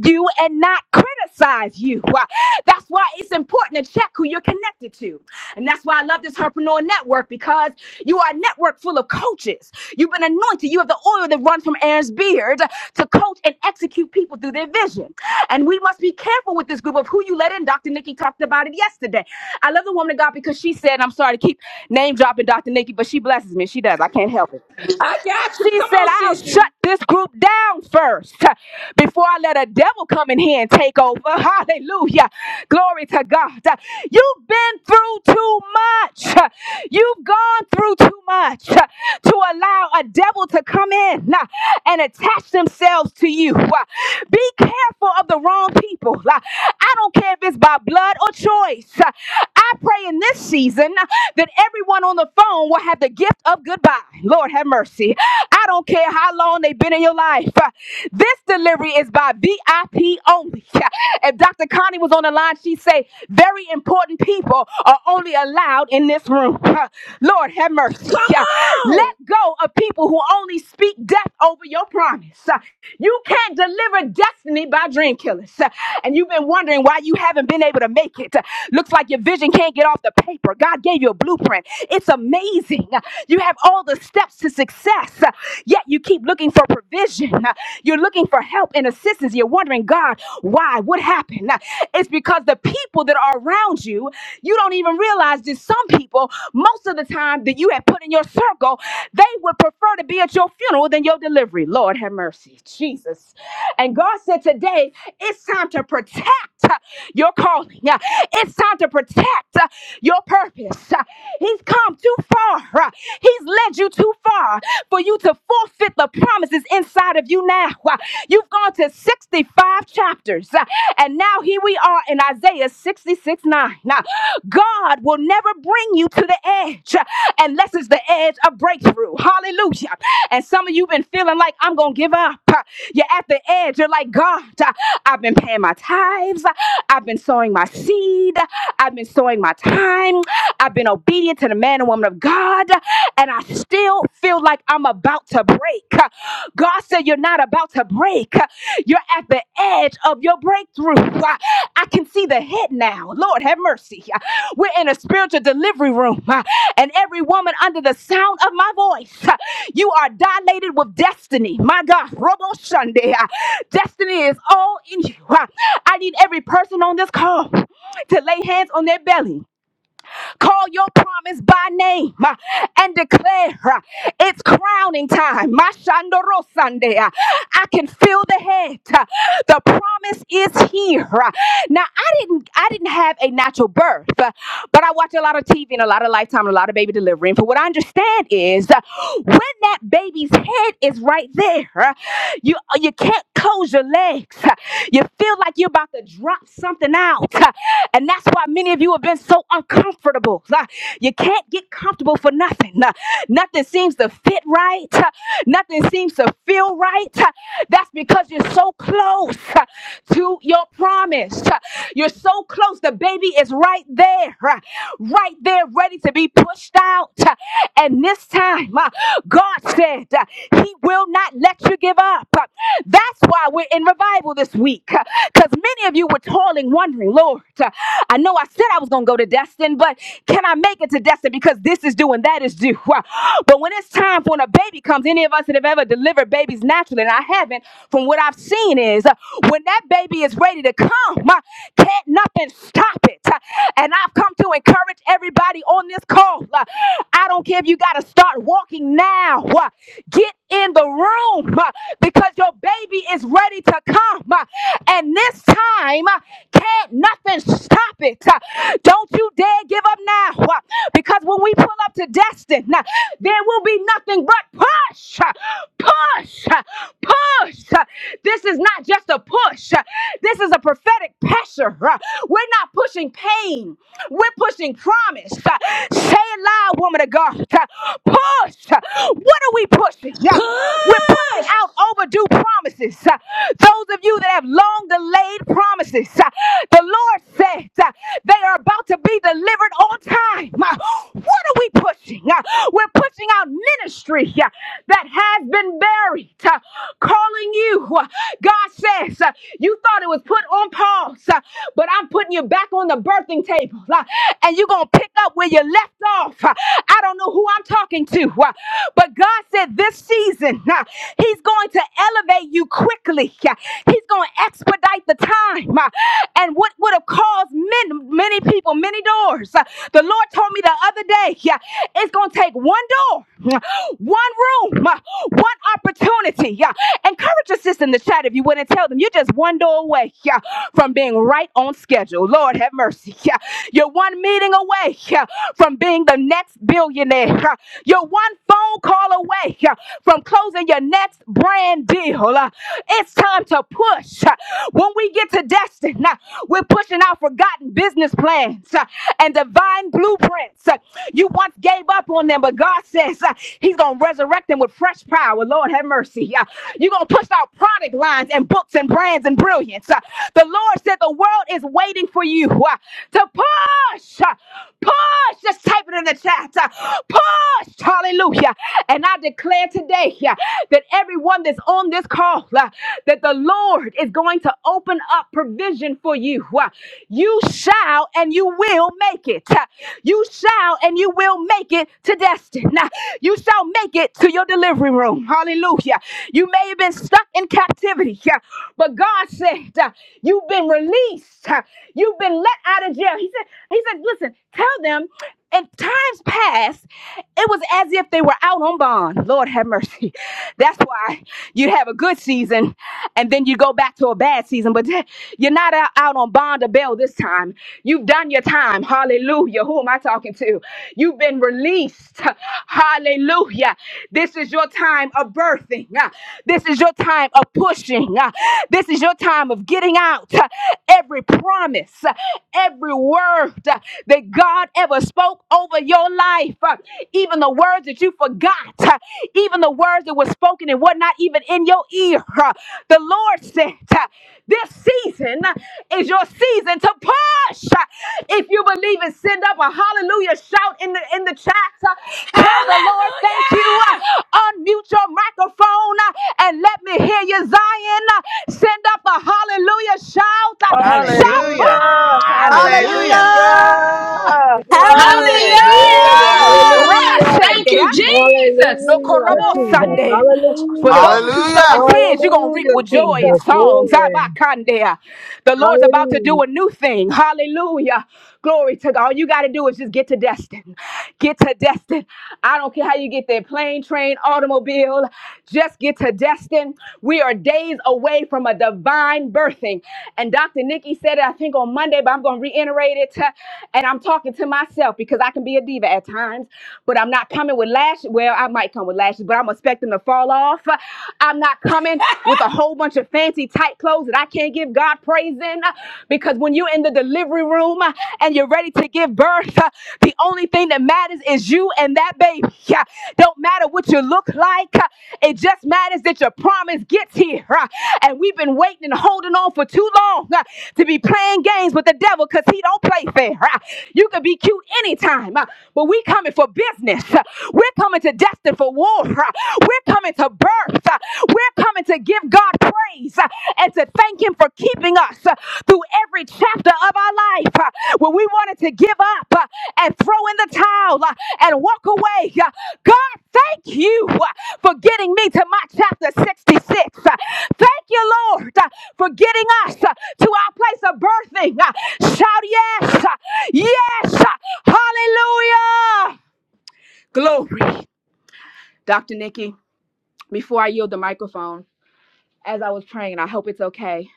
Speaker 9: you and not criticize you. <laughs> Why? That's why it's important to check who you're connected to. And that's why I love this Herpreneur Network because you are a network full of coaches. You've been anointed. You have the oil that runs from Aaron's beard to coach and execute people through their vision. And we must be careful with this group of who you let in. Dr. Nikki talked about it yesterday. I love the woman of God because she said, I'm sorry to keep name dropping Dr. Nikki, but she blesses me. She does. I can't help it.
Speaker 1: I got you.
Speaker 9: She
Speaker 1: Come
Speaker 9: said,
Speaker 1: on,
Speaker 9: I'll shut
Speaker 1: sissy.
Speaker 9: this group down first before I let a devil come in here and take over. <laughs> Hallelujah. Glory to God. You've been through too much. You've gone through too much to allow a devil to come in and attach themselves to you. Be careful of the wrong people. I don't care if it's by blood or choice. I pray in this season that everyone on the phone will have the gift of goodbye. Lord have mercy mercy. I don't care how long they've been in your life. This delivery is by VIP only. If Dr. Connie was on the line, she'd say, very important people are only allowed in this room. Lord, have
Speaker 1: Come
Speaker 9: mercy. Let
Speaker 1: on.
Speaker 9: go of people who only speak death over your promise. You can't deliver destiny by dream killers. And you've been wondering why you haven't been able to make it. Looks like your vision can't get off the paper. God gave you a blueprint. It's amazing. You have all the steps steps to success, uh, yet you keep looking for provision. Uh, You're looking for help and assistance. You're wondering, God, why? What happened? Uh, It's because the people that are around you, you don't even realize that some people, most of the time that you have put in your circle, they would prefer to be at your funeral than your delivery. Lord have mercy, Jesus. And God said today, it's time to protect uh, your calling. Uh, It's time to protect uh, your purpose. Uh, He's come too far. Uh, He's led you too far for you to forfeit the promises inside of you now. Uh, You've gone to 65 chapters, uh, and now here we are in Isaiah 66 9. Now, God will never bring you to the edge uh, unless it's the edge of breakthrough. Hallelujah. And some of you been feeling like, I'm going to give up. Uh, You're at the edge. You're like, God, uh, I've been paying my tithes. I've been sowing my seed. I've been sowing my time. I've been obedient to the man and woman of God and I still feel like I'm about to break. God said, You're not about to break. You're at the edge of your breakthrough. I can see the head now. Lord, have mercy. We're in a spiritual delivery room, and every woman under the sound of my voice, you are dilated with destiny. My God, Robo Sunday. Destiny is all in you. I need every person on this call to lay hands on their belly Call your promise by name uh, and declare uh, it's crowning time. Mashandoro Sunday. Uh, I can feel the head. Uh, The promise is here. Uh, Now I didn't I didn't have a natural birth, uh, but I watch a lot of TV and a lot of lifetime and a lot of baby delivery. And for what I understand is uh, when that baby's head is right there. uh, you uh, you can't close your legs. You feel like you're about to drop something out. And that's why many of you have been so uncomfortable. You can't get comfortable for nothing. Nothing seems to fit right. Nothing seems to feel right. That's because you're so close to your promise. You're so close. The baby is right there, right there, ready to be pushed out. And this time, uh, God said, uh, He. He will not let you give up. That's why we're in revival this week. Because many of you were toiling, wondering, Lord, I know I said I was going to go to Destin, but can I make it to Destin? Because this is due and that is due. But when it's time for when a baby comes, any of us that have ever delivered babies naturally, and I haven't, from what I've seen is uh, when that baby is ready to come, uh, can't nothing stop it. Uh, And I've come to encourage everybody on this call. Uh, I don't care if you got to start walking now. Uh, Get in the room uh, because your baby is ready to come. Uh, And this time, uh, can't nothing stop it. Uh, Don't you dare give up now uh, because when we pull up to Destin, uh, there will be nothing but push, uh, push, uh, push. Uh, This this is not just a push. This is a prophetic pressure. We're not pushing pain. We're pushing promise. Say it loud, woman of God. Push. What are we pushing? We're pushing
Speaker 1: Push.
Speaker 9: out overdue promises. Those of you that have long delayed promises, the Lord says they are about to be delivered on time. What are we pushing? uh, We're pushing out ministry uh, that has been buried, uh, calling you. uh, God says, uh, You thought it was put on pause, uh, but I'm putting you back on the birthing table, uh, and you're going to pick up where you left off. Uh, I don't know who I'm talking to, uh, but God said this season, uh, He's going to elevate you quickly, uh, He's going to expedite the time. uh, and what would have caused men, many people many doors. Uh, The Lord told me the other day, yeah, it's going to take one door, <laughs> mm, one room, uh, one opportunity. yeah, Encourage your sister in the chat if you wouldn't tell them. You're just one door away yeah, from being right on schedule. Lord have mercy. Yeah. You're one meeting away yeah, from being the next billionaire. Yeah. You're one phone call away yeah, from closing your next brand deal. Uh, It's time to push. Uh, When we get to Destin, uh, we're pushing out forgotten business plans uh, and divine blueprints uh, you once gave up on up on them. But God says uh, He's going to resurrect them with fresh power. Lord, have mercy. Uh, you're going to push out product lines and books and brands and brilliance. Uh, the Lord said the world is waiting for you uh, to push, uh, push. Just type it in the chat. uh, push. Hallelujah. And I declare today uh, that everyone that's on this call, uh, that the Lord is going to open up provision for you. Uh, you you shall and you will make it. <laughs> You shall and you will make it to destiny. <laughs> You shall make it to your delivery room. Hallelujah. You may have been stuck in captivity, <laughs> yeah, but God said, <laughs> uh, You've been released. <laughs> Uh, You've been let out of jail. He said, He said, listen, Tell them in times past, it was as if they were out on bond. Lord have mercy. <laughs> That's why you'd have a good season and then you go back to a bad season, but <laughs> you're not out, out on bond or bail this time. You've done your time. Hallelujah. Who am I talking to? You've been released. <laughs> Hallelujah. This is your time of birthing. <laughs> Uh, This is your time of pushing. <laughs> Uh, This is your time of getting out <laughs> uh, every promise, <laughs> uh, every word prompt uh, that God ever spoke over your life. Uh, Even the words that you forgot, uh, even the words that were spoken and were not even in your ear. Uh, The Lord said, uh, This season uh, is your season to push. Uh, If you believe it, send up a hallelujah shout in the in the chat. Uh, Tell the Lord,
Speaker 1: Hallelujah.
Speaker 9: thank you. Uh, Unmute your microphone uh, and let me hear you, Zion. Uh, Send up a hallelujah shout. Uh, Shout
Speaker 12: Hallelujah.
Speaker 13: Hallelujah,
Speaker 9: push!
Speaker 12: Hallelujah.
Speaker 7: Hallelujah!
Speaker 13: hallelujah,
Speaker 14: Hallelujah.
Speaker 4: Hallelujah!
Speaker 14: Glory.
Speaker 13: hallelujah.
Speaker 3: Hallelujah!
Speaker 2: Hallelujah.
Speaker 14: Hallelujah.
Speaker 4: Thank you,
Speaker 9: Rabashendeya.
Speaker 4: Jesus.
Speaker 9: No
Speaker 14: Hallelujah,
Speaker 9: korobo
Speaker 14: Jesus.
Speaker 9: Sunday.
Speaker 2: Thank you,
Speaker 9: For
Speaker 2: God.
Speaker 14: Hallelujah.
Speaker 9: those who sow in
Speaker 15: Hallelujah.
Speaker 9: tears, you're going to reap
Speaker 14: Hallelujah,
Speaker 9: with
Speaker 2: Hallelujah.
Speaker 9: joy and
Speaker 14: Jesus.
Speaker 9: songs.
Speaker 14: Glory.
Speaker 9: Abakandea. The Lord's about to
Speaker 14: Hallelujah.
Speaker 9: do a new thing. Hallelujah. Glory to God. All you got to do is just get to Destin. Get to Destin. I don't care how you get there plane, train, automobile. Just get to Destin. We are days away from a divine birthing. And Dr. Nikki said it, I think, on Monday, but I'm going to reiterate it. And I'm talking to myself because I can be a diva at times, but I'm not coming with laughter lashes. Well, I might come with lashes, but I'm expecting them to fall off. I'm not coming with a whole bunch of fancy tight clothes that I can't give God praise in. Because when you're in the delivery room and you're ready to give birth, the only thing that matters is you and that baby. Don't matter what you look like, it just matters that your promise gets here. And we've been waiting and holding on for too long to be playing games with the devil because he don't play fair. You can be cute anytime, but we coming for business purpose. We're coming to destined for war. We're coming to birth. We're coming to give God praise and to thank Him for keeping us through every chapter of our life when we wanted to give up and throw in the towel and walk away. God, thank you for getting me to my chapter 66. Thank you, Lord, for getting us to our place of birthing. Shout yes, yes, hallelujah. Glory. Dr. Nikki, before I yield the microphone, as I was praying, and I hope it's okay,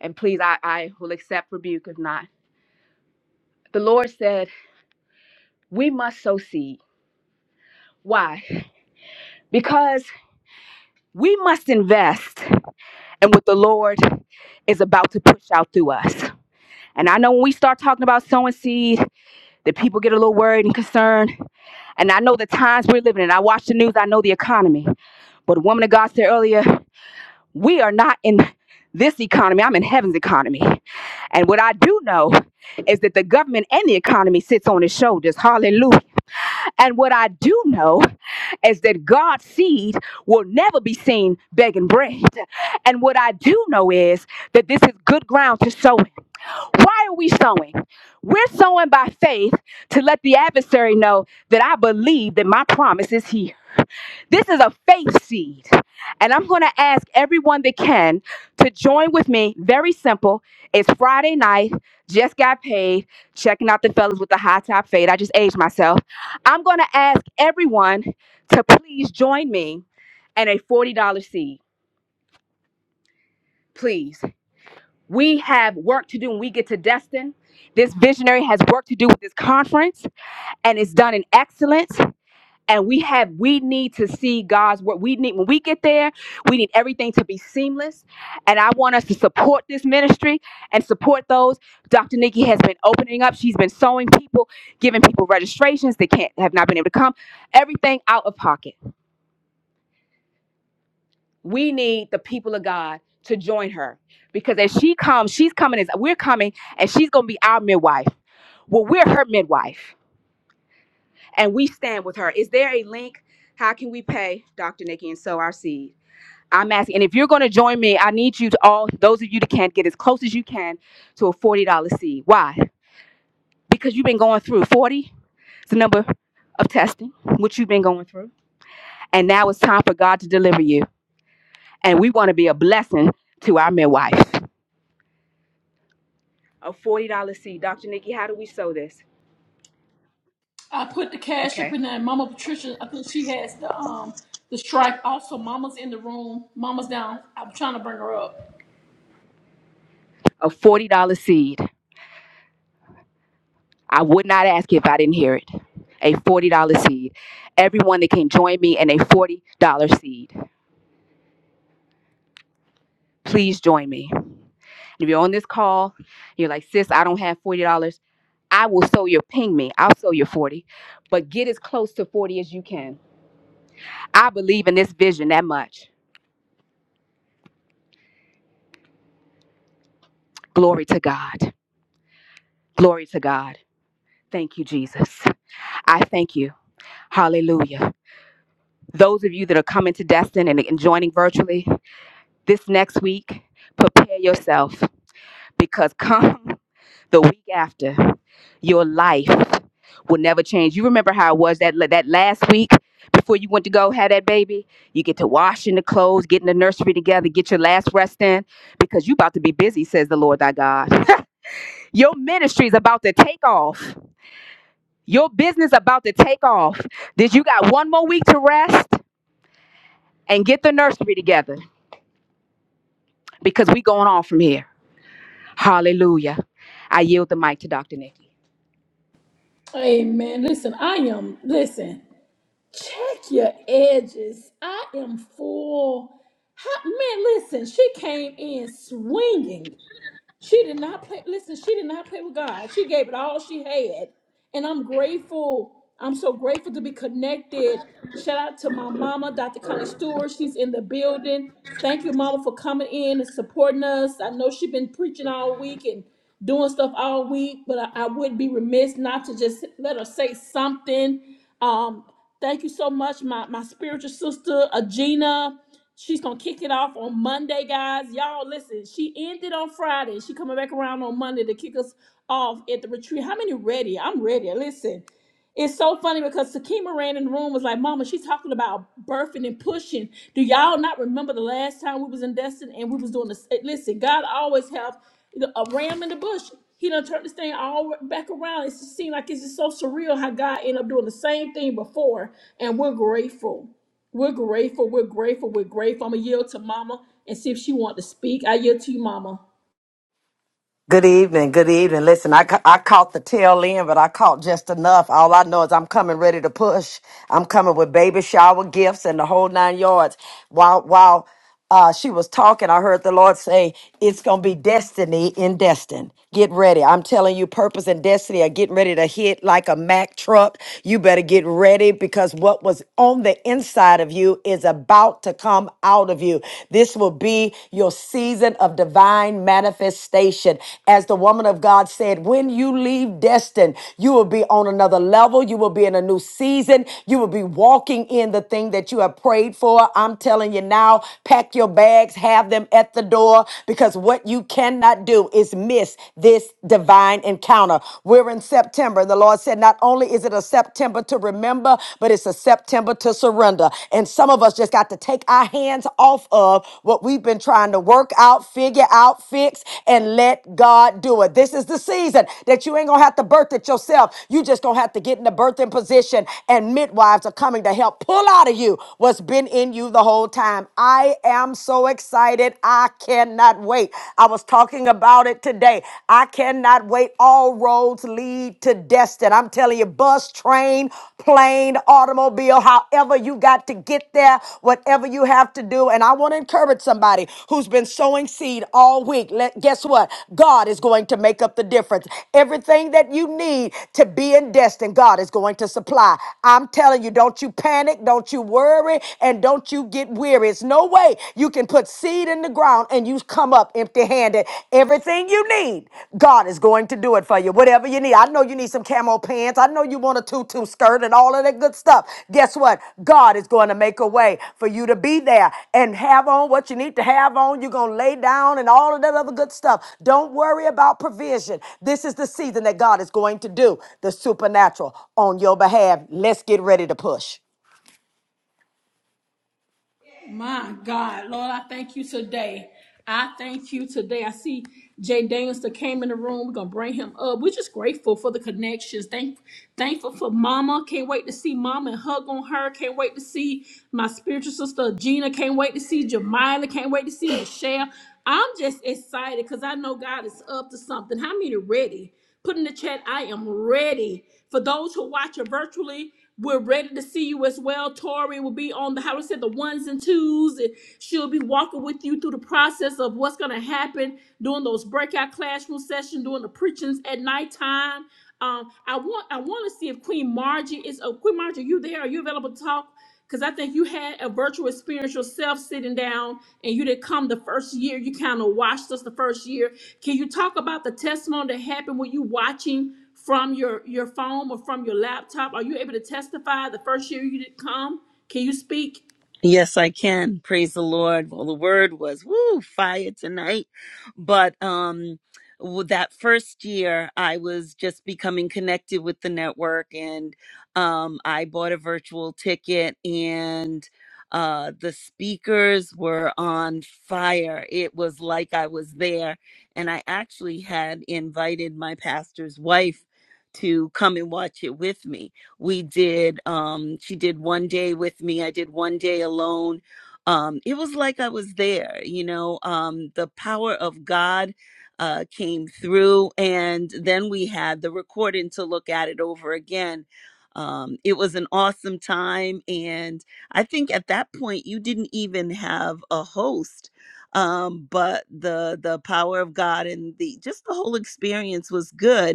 Speaker 9: and please, I, I will accept rebuke if not. The Lord said, We must sow seed. Why? Because we must invest in what the Lord is about to push out through us. And I know when we start talking about sowing seed, that people get a little worried and concerned. And I know the times we're living in. I watch the news, I know the economy. But the woman of God said earlier, we are not in this economy, I'm in heaven's economy. And what I do know is that the government and the economy sits on his shoulders. Hallelujah. And what I do know is that God's seed will never be seen begging bread. And what I do know is that this is good ground to sow. in. Why are we sowing? We're sowing by faith to let the adversary know that I believe that my promise is here. This is a faith seed. And I'm going to ask everyone that can to join with me. Very simple. It's Friday night. Just got paid. Checking out the fellas with the high top fade. I just aged myself. I'm going to ask everyone to please join me and a $40 seed. Please. We have work to do when we get to Destin. This visionary has work to do with this conference, and it's done in excellence. and we have we need to see god's work we need when we get there we need everything to be seamless and i want us to support this ministry and support those dr nikki has been opening up she's been sewing people giving people registrations they can't have not been able to come everything out of pocket we need the people of god to join her because as she comes she's coming as we're coming and she's going to be our midwife well we're her midwife and we stand with her is there a link how can we pay dr nikki and sow our seed I'm asking, and if you're going to join me, I need you to all those of you that can't get as close as you can to a forty dollar seed. Why? Because you've been going through forty. It's the number of testing which you've been going through, and now it's time for God to deliver you. And we want to be a blessing to our midwife. A forty dollar seed, Dr. Nikki. How do we sow this?
Speaker 1: I put the cash up
Speaker 9: Okay.
Speaker 1: in there. Mama Patricia, I think she has the um the stripe. Also, Mama's in the room. Mama's down. I'm trying to bring her up.
Speaker 9: A forty dollar seed. I would not ask if I didn't hear it. A forty dollar seed. Everyone that can join me in a forty dollar seed, please join me. If you're on this call, you're like, sis, I don't have forty dollars. I will sew your ping me. I'll sew your 40. But get as close to 40 as you can. I believe in this vision that much. Glory to God. Glory to God. Thank you, Jesus. I thank you. Hallelujah. Those of you that are coming to Destin and and joining virtually this next week, prepare yourself because <laughs> come. the week after your life will never change. You remember how it was that that last week before you went to go have that baby? You get to washing the clothes, getting the nursery together, get your last rest in because you about to be busy, says the Lord thy God. <laughs> Your ministry's about to take off. Your business about to take off. Did you got one more week to rest and get the nursery together because we going on from here. Hallelujah. I yield the mic to Dr. Nikki.
Speaker 1: Amen. Listen, I am. Listen. Check your edges. I am full. How, man, listen, she came in swinging. She did not play. Listen, she did not play with God. She gave it all she had. And I'm grateful. I'm so grateful to be connected. Shout out to my mama, Dr. Connie Stewart. She's in the building. Thank you, mama, for coming in and supporting us. I know she's been preaching all week and doing stuff all week, but I, I would be remiss not to just let her say something. Um, thank you so much, my, my spiritual sister, Agina. She's gonna kick it off on Monday, guys. Y'all listen, she ended on Friday. She coming back around on Monday to kick us off at the retreat. How many ready? I'm ready. Listen. It's so funny because Sakima ran in the room was like, Mama, she's talking about birthing and pushing. Do y'all not remember the last time we was in Destin and we was doing this? Listen, God always have a ram in the bush. He done turned this thing all back around. It just seemed like it's just so surreal how God ended up doing the same thing before, and we're grateful. We're grateful. We're grateful. We're grateful. I'm gonna yield to Mama and see if she want to speak. I yield to you, Mama.
Speaker 16: Good evening. Good evening. Listen, I, ca- I caught the tail end, but I caught just enough. All I know is I'm coming ready to push. I'm coming with baby shower gifts and the whole nine yards. While while uh, she was talking, I heard the Lord say, "It's gonna be destiny in destined. Get ready. I'm telling you, purpose and destiny are getting ready to hit like a Mack truck. You better get ready because what was on the inside of you is about to come out of." of you. This will be your season of divine manifestation. As the woman of God said, when you leave destined, you will be on another level. You will be in a new season. You will be walking in the thing that you have prayed for. I'm telling you now, pack your bags, have them at the door because what you cannot do is miss this divine encounter. We're in September. The Lord said, not only is it a September to remember, remember, but it's a September to surrender. And some of us just got to take our hands off of what we've been trying to work out, figure out, fix, and let God do it. This is the season that you ain't gonna have to birth it yourself. You just gonna have to get in the birthing position, and midwives are coming to help pull out of you what's been in you the whole time. I am so excited. I cannot wait. I was talking about it today. I cannot God, wait, all roads lead to destiny. I'm telling you, bus, train, plane, automobile, however you got to get there, whatever you have to do. And I want to encourage somebody who's been sowing seed all week. Let, guess what? God is going to make up the difference. Everything that you need to be in destiny, God is going to supply. I'm telling you, don't you panic, don't you worry, and don't you get weary. It's no way you can put seed seed in the ground and you come up empty handed, everything you need, God is going to do it for you. Whatever you need. I know you need some camo pants. I know you want a tutu skirt and all of that good stuff. Guess what? God is going to make a way for you to be there and have on what you need to have on. You're going to lay down and all of that other good stuff. Don't worry about provision. This is the season that God is going to do the supernatural on your behalf. Let's get ready to push.
Speaker 1: My God, Lord, I thank you today. I thank you today. I see Jay Daniels that came in the room. We're gonna bring him up. We're just grateful for the connections. Thank, thankful for Mama. Can't wait to see Mama and hug on her. Can't wait to see my spiritual sister Gina. Can't wait to see Jamila. Can't wait to see Michelle. I'm just excited because I know God is up to something. How many ready? Put in the chat, I am ready. For those who watch it virtually, we're ready to see you as well. Tori will be on the how to said the ones and twos. and She'll be walking with you through the process of what's going to happen during those breakout classroom sessions, during the preachings at nighttime. Um, I want I want to see if Queen Margie is. Oh, Queen Margie, are you there? Are you available to talk? Because I think you had a virtual experience yourself sitting down, and you didn't come the first year. You kind of watched us the first year. Can you talk about the testimony that happened when you watching from your your phone or from your laptop? Are you able to testify the first year you didn't come? Can you speak?
Speaker 8: Yes, I can. Praise the Lord. Well, the word was woo fire tonight. But um w- that first year I was just becoming connected with the network and um I bought a virtual ticket and uh the speakers were on fire. It was like I was there and I actually had invited my pastor's wife to come and watch it with me we did, um, she did one day with me. I did one day alone. Um, it was like I was there, you know, um, the power of God uh, came through. And then we had the recording to look at it over again. Um, it was an awesome time. And I think at that point, you didn't even have a host. Um, but the the power of God and the just the whole experience was good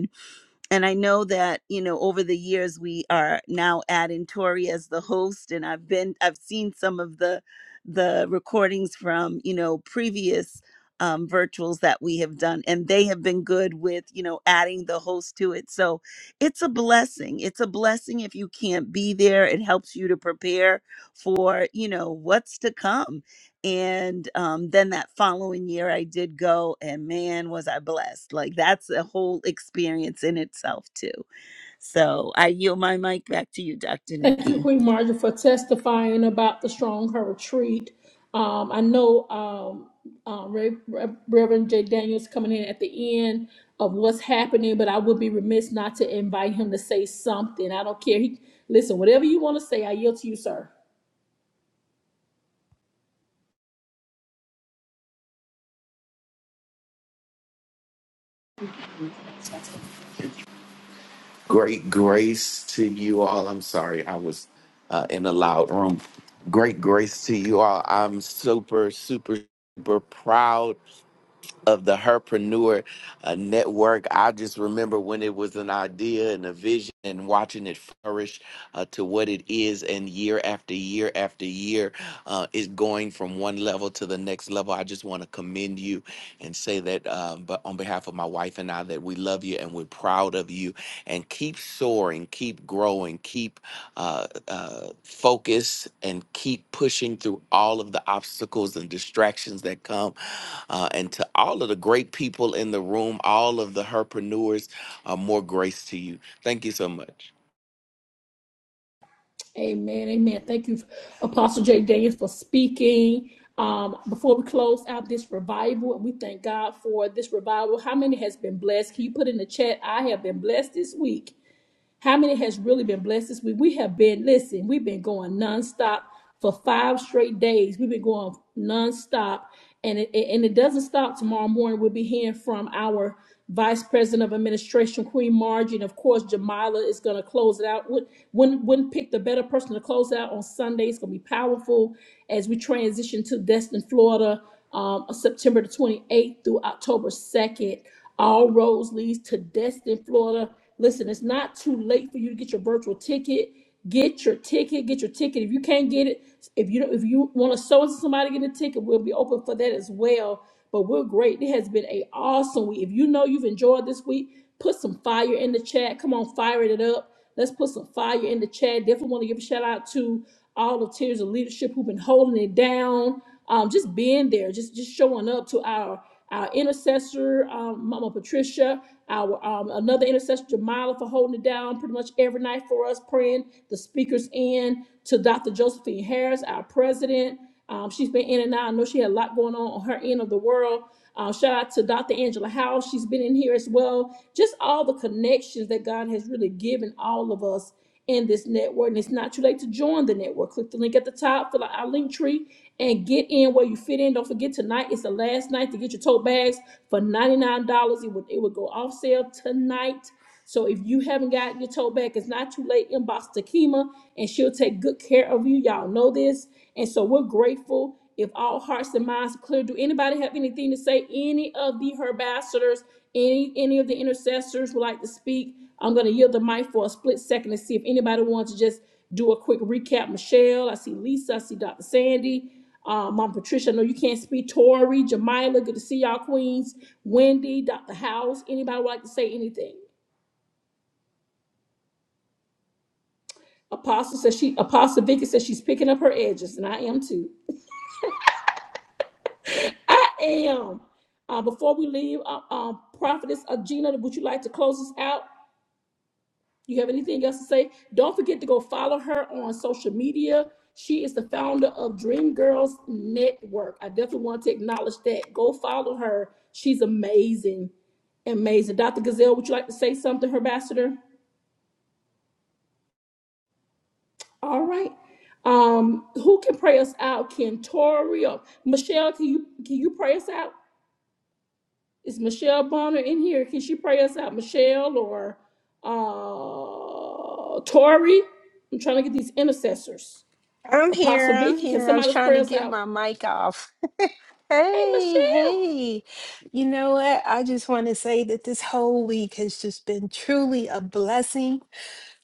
Speaker 8: and I know that you know over the years we are now adding Tori as the host, and I've been I've seen some of the the recordings from you know previous um, virtuals that we have done, and they have been good with you know adding the host to it. So it's a blessing. It's a blessing if you can't be there. It helps you to prepare for you know what's to come and um, then that following year i did go and man was i blessed like that's a whole experience in itself too so i yield my mic back to you dr
Speaker 1: Thank you,
Speaker 8: nikki
Speaker 1: Queen Marjorie, for testifying about the strong her retreat. Um, I know um, um, Re- Re- Reverend J. Daniels coming in at the end of what's happening, but I would be remiss not to invite him to say something. I don't care. He, listen, whatever you want to say, I yield to you, sir.
Speaker 17: Great grace to you all. I'm sorry, I was uh, in a loud room. Great grace to you all. I'm super, super, super proud of the Herpreneur uh, Network. I just remember when it was an idea and a vision and watching it flourish uh, to what it is. And year after year after year, uh, it's going from one level to the next level. I just want to commend you and say that uh, but on behalf of my wife and I that we love you and we're proud of you. And keep soaring, keep growing, keep uh, uh, focus and keep pushing through all of the obstacles and distractions that come. Uh, and to all of the great people in the room, all of the herpreneurs, uh, more grace to you. Thank you so much.
Speaker 1: Amen. Amen. Thank you, Apostle J. Daniels, for speaking. Um, before we close out this revival, and we thank God for this revival. How many has been blessed? Can you put in the chat? I have been blessed this week. How many has really been blessed this week? We have been, listen, we've been going nonstop for five straight days. We've been going nonstop. And it, and it doesn't stop tomorrow morning. We'll be hearing from our Vice President of Administration, Queen Margie. And of course, Jamila is going to close it out. Wouldn't, wouldn't wouldn't pick the better person to close out on Sunday. It's going to be powerful as we transition to Destin, Florida, um, September the 28th through October 2nd. All roads leads to Destin, Florida. Listen, it's not too late for you to get your virtual ticket. Get your ticket. Get your ticket. If you can't get it, if you don't, if you want to sow it to somebody, get a ticket. We'll be open for that as well. But we're great. It has been a awesome week. If you know you've enjoyed this week, put some fire in the chat. Come on, fire it up. Let's put some fire in the chat. Definitely want to give a shout out to all the tiers of leadership who've been holding it down um, just being there, just just showing up to our our intercessor, um, Mama Patricia, our um, another intercessor, Jamila, for holding it down pretty much every night for us, praying the speakers in to Dr. Josephine Harris, our president. Um, she's been in and out. I know she had a lot going on on her end of the world. Uh, shout out to Dr. Angela Howe. She's been in here as well. Just all the connections that God has really given all of us in this network. And it's not too late to join the network. Click the link at the top, fill out our link tree, and get in where you fit in. Don't forget tonight is the last night to get your tote bags for $99. It would it would go off sale tonight. So if you haven't gotten your tote back, it's not too late. Inbox Takima and she'll take good care of you. Y'all know this. And so we're grateful if all hearts and minds are clear. Do anybody have anything to say? Any of the herbassadors, any any of the intercessors would like to speak? I'm gonna yield the mic for a split second to see if anybody wants to just do a quick recap. Michelle, I see Lisa, I see Dr. Sandy. Uh, Mom Patricia, I know you can't speak. Tori, Jamila, good to see y'all, Queens. Wendy, Dr. House, anybody would like to say anything? Apostle says she, Apostle Vicky says she's picking up her edges, and I am too. I am. Uh, before we leave, uh, um, Prophetess uh, Gina, would you like to close us out? You have anything else to say? Don't forget to go follow her on social media. She is the founder of Dream Girls Network. I definitely want to acknowledge that. Go follow her. She's amazing. Amazing. Dr. Gazelle, would you like to say something, Herbassador? All right. Um, who can pray us out? Can Tori or Michelle? Can you can you pray us out? Is Michelle Bonner in here? Can she pray us out, Michelle or uh, Tori? I'm trying to get these intercessors.
Speaker 11: I'm here.
Speaker 1: Apostle
Speaker 11: I'm
Speaker 1: Vicky, can
Speaker 11: here. I was
Speaker 1: somebody
Speaker 11: trying
Speaker 1: pray
Speaker 11: to
Speaker 1: us
Speaker 11: get
Speaker 1: out?
Speaker 11: my mic off. <laughs>
Speaker 1: Hey,
Speaker 11: hey,
Speaker 1: Michelle.
Speaker 11: hey. You know what? I just want to say that this whole week has just been truly a blessing.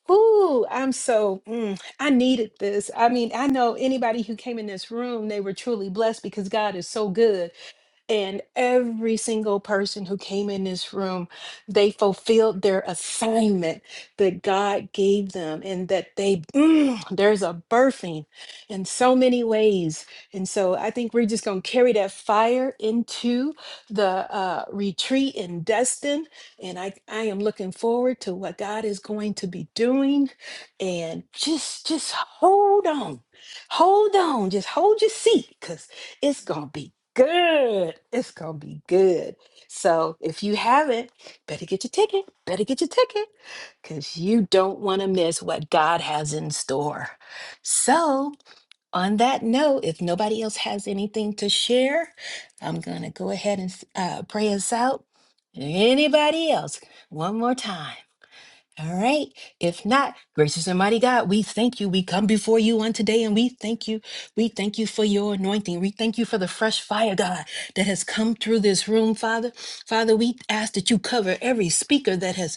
Speaker 11: Ooh, I'm so, mm, I needed this. I mean, I know anybody who came in this room, they were truly blessed because God is so good. And every single person who came in this room, they fulfilled their assignment that God gave them, and that they, mm, there's a birthing in so many ways. And so I think we're just going to carry that fire into the uh, retreat in Destin. And I, I am looking forward to what God is going to be doing. And just, just hold on. Hold on. Just hold your seat because it's going to be good. It's gonna be good. So if you haven't, better get your ticket. Better get your ticket because you don't want to miss what God has in store. So, on that note, if nobody else has anything to share, I'm gonna go ahead and uh, pray us out. Anybody else? One more time. All right. If not, gracious and mighty God, we thank you. We come before you on today and we thank you. We thank you for your anointing. We thank you for the fresh fire, God, that has come through this room, Father. Father, we ask that you cover every speaker that has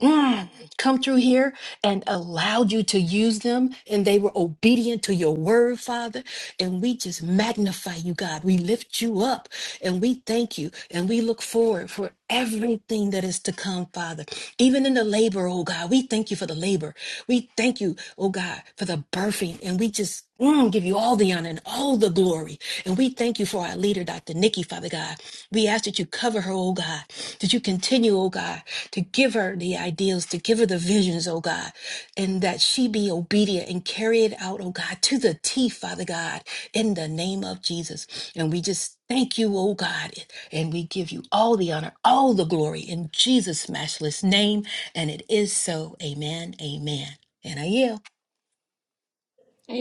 Speaker 11: mm, come through here and allowed you to use them, and they were obedient to your word, Father. And we just magnify you, God. We lift you up and we thank you and we look forward for everything that is to come, Father. Even in the labor, oh God, we thank you for the labor. We thank you, oh God, for the birthing, and we just mm, give you all the honor and all the glory. And we thank you for our leader, Dr. Nikki, Father God. We ask that you cover her, oh God, that you continue, oh God to give her the ideals, to give her the visions, oh God, and that she be obedient and carry it out, oh God, to the T, Father God, in the name of Jesus. And we just thank you, oh God, and we give you all the honor, all the glory in Jesus' matchless name. And it is so. Amen. Amen. And I yield.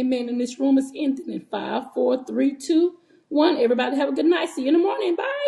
Speaker 1: Amen. And this room is ending in five, four, three, two, one. Everybody have a good night. See you in the morning. Bye.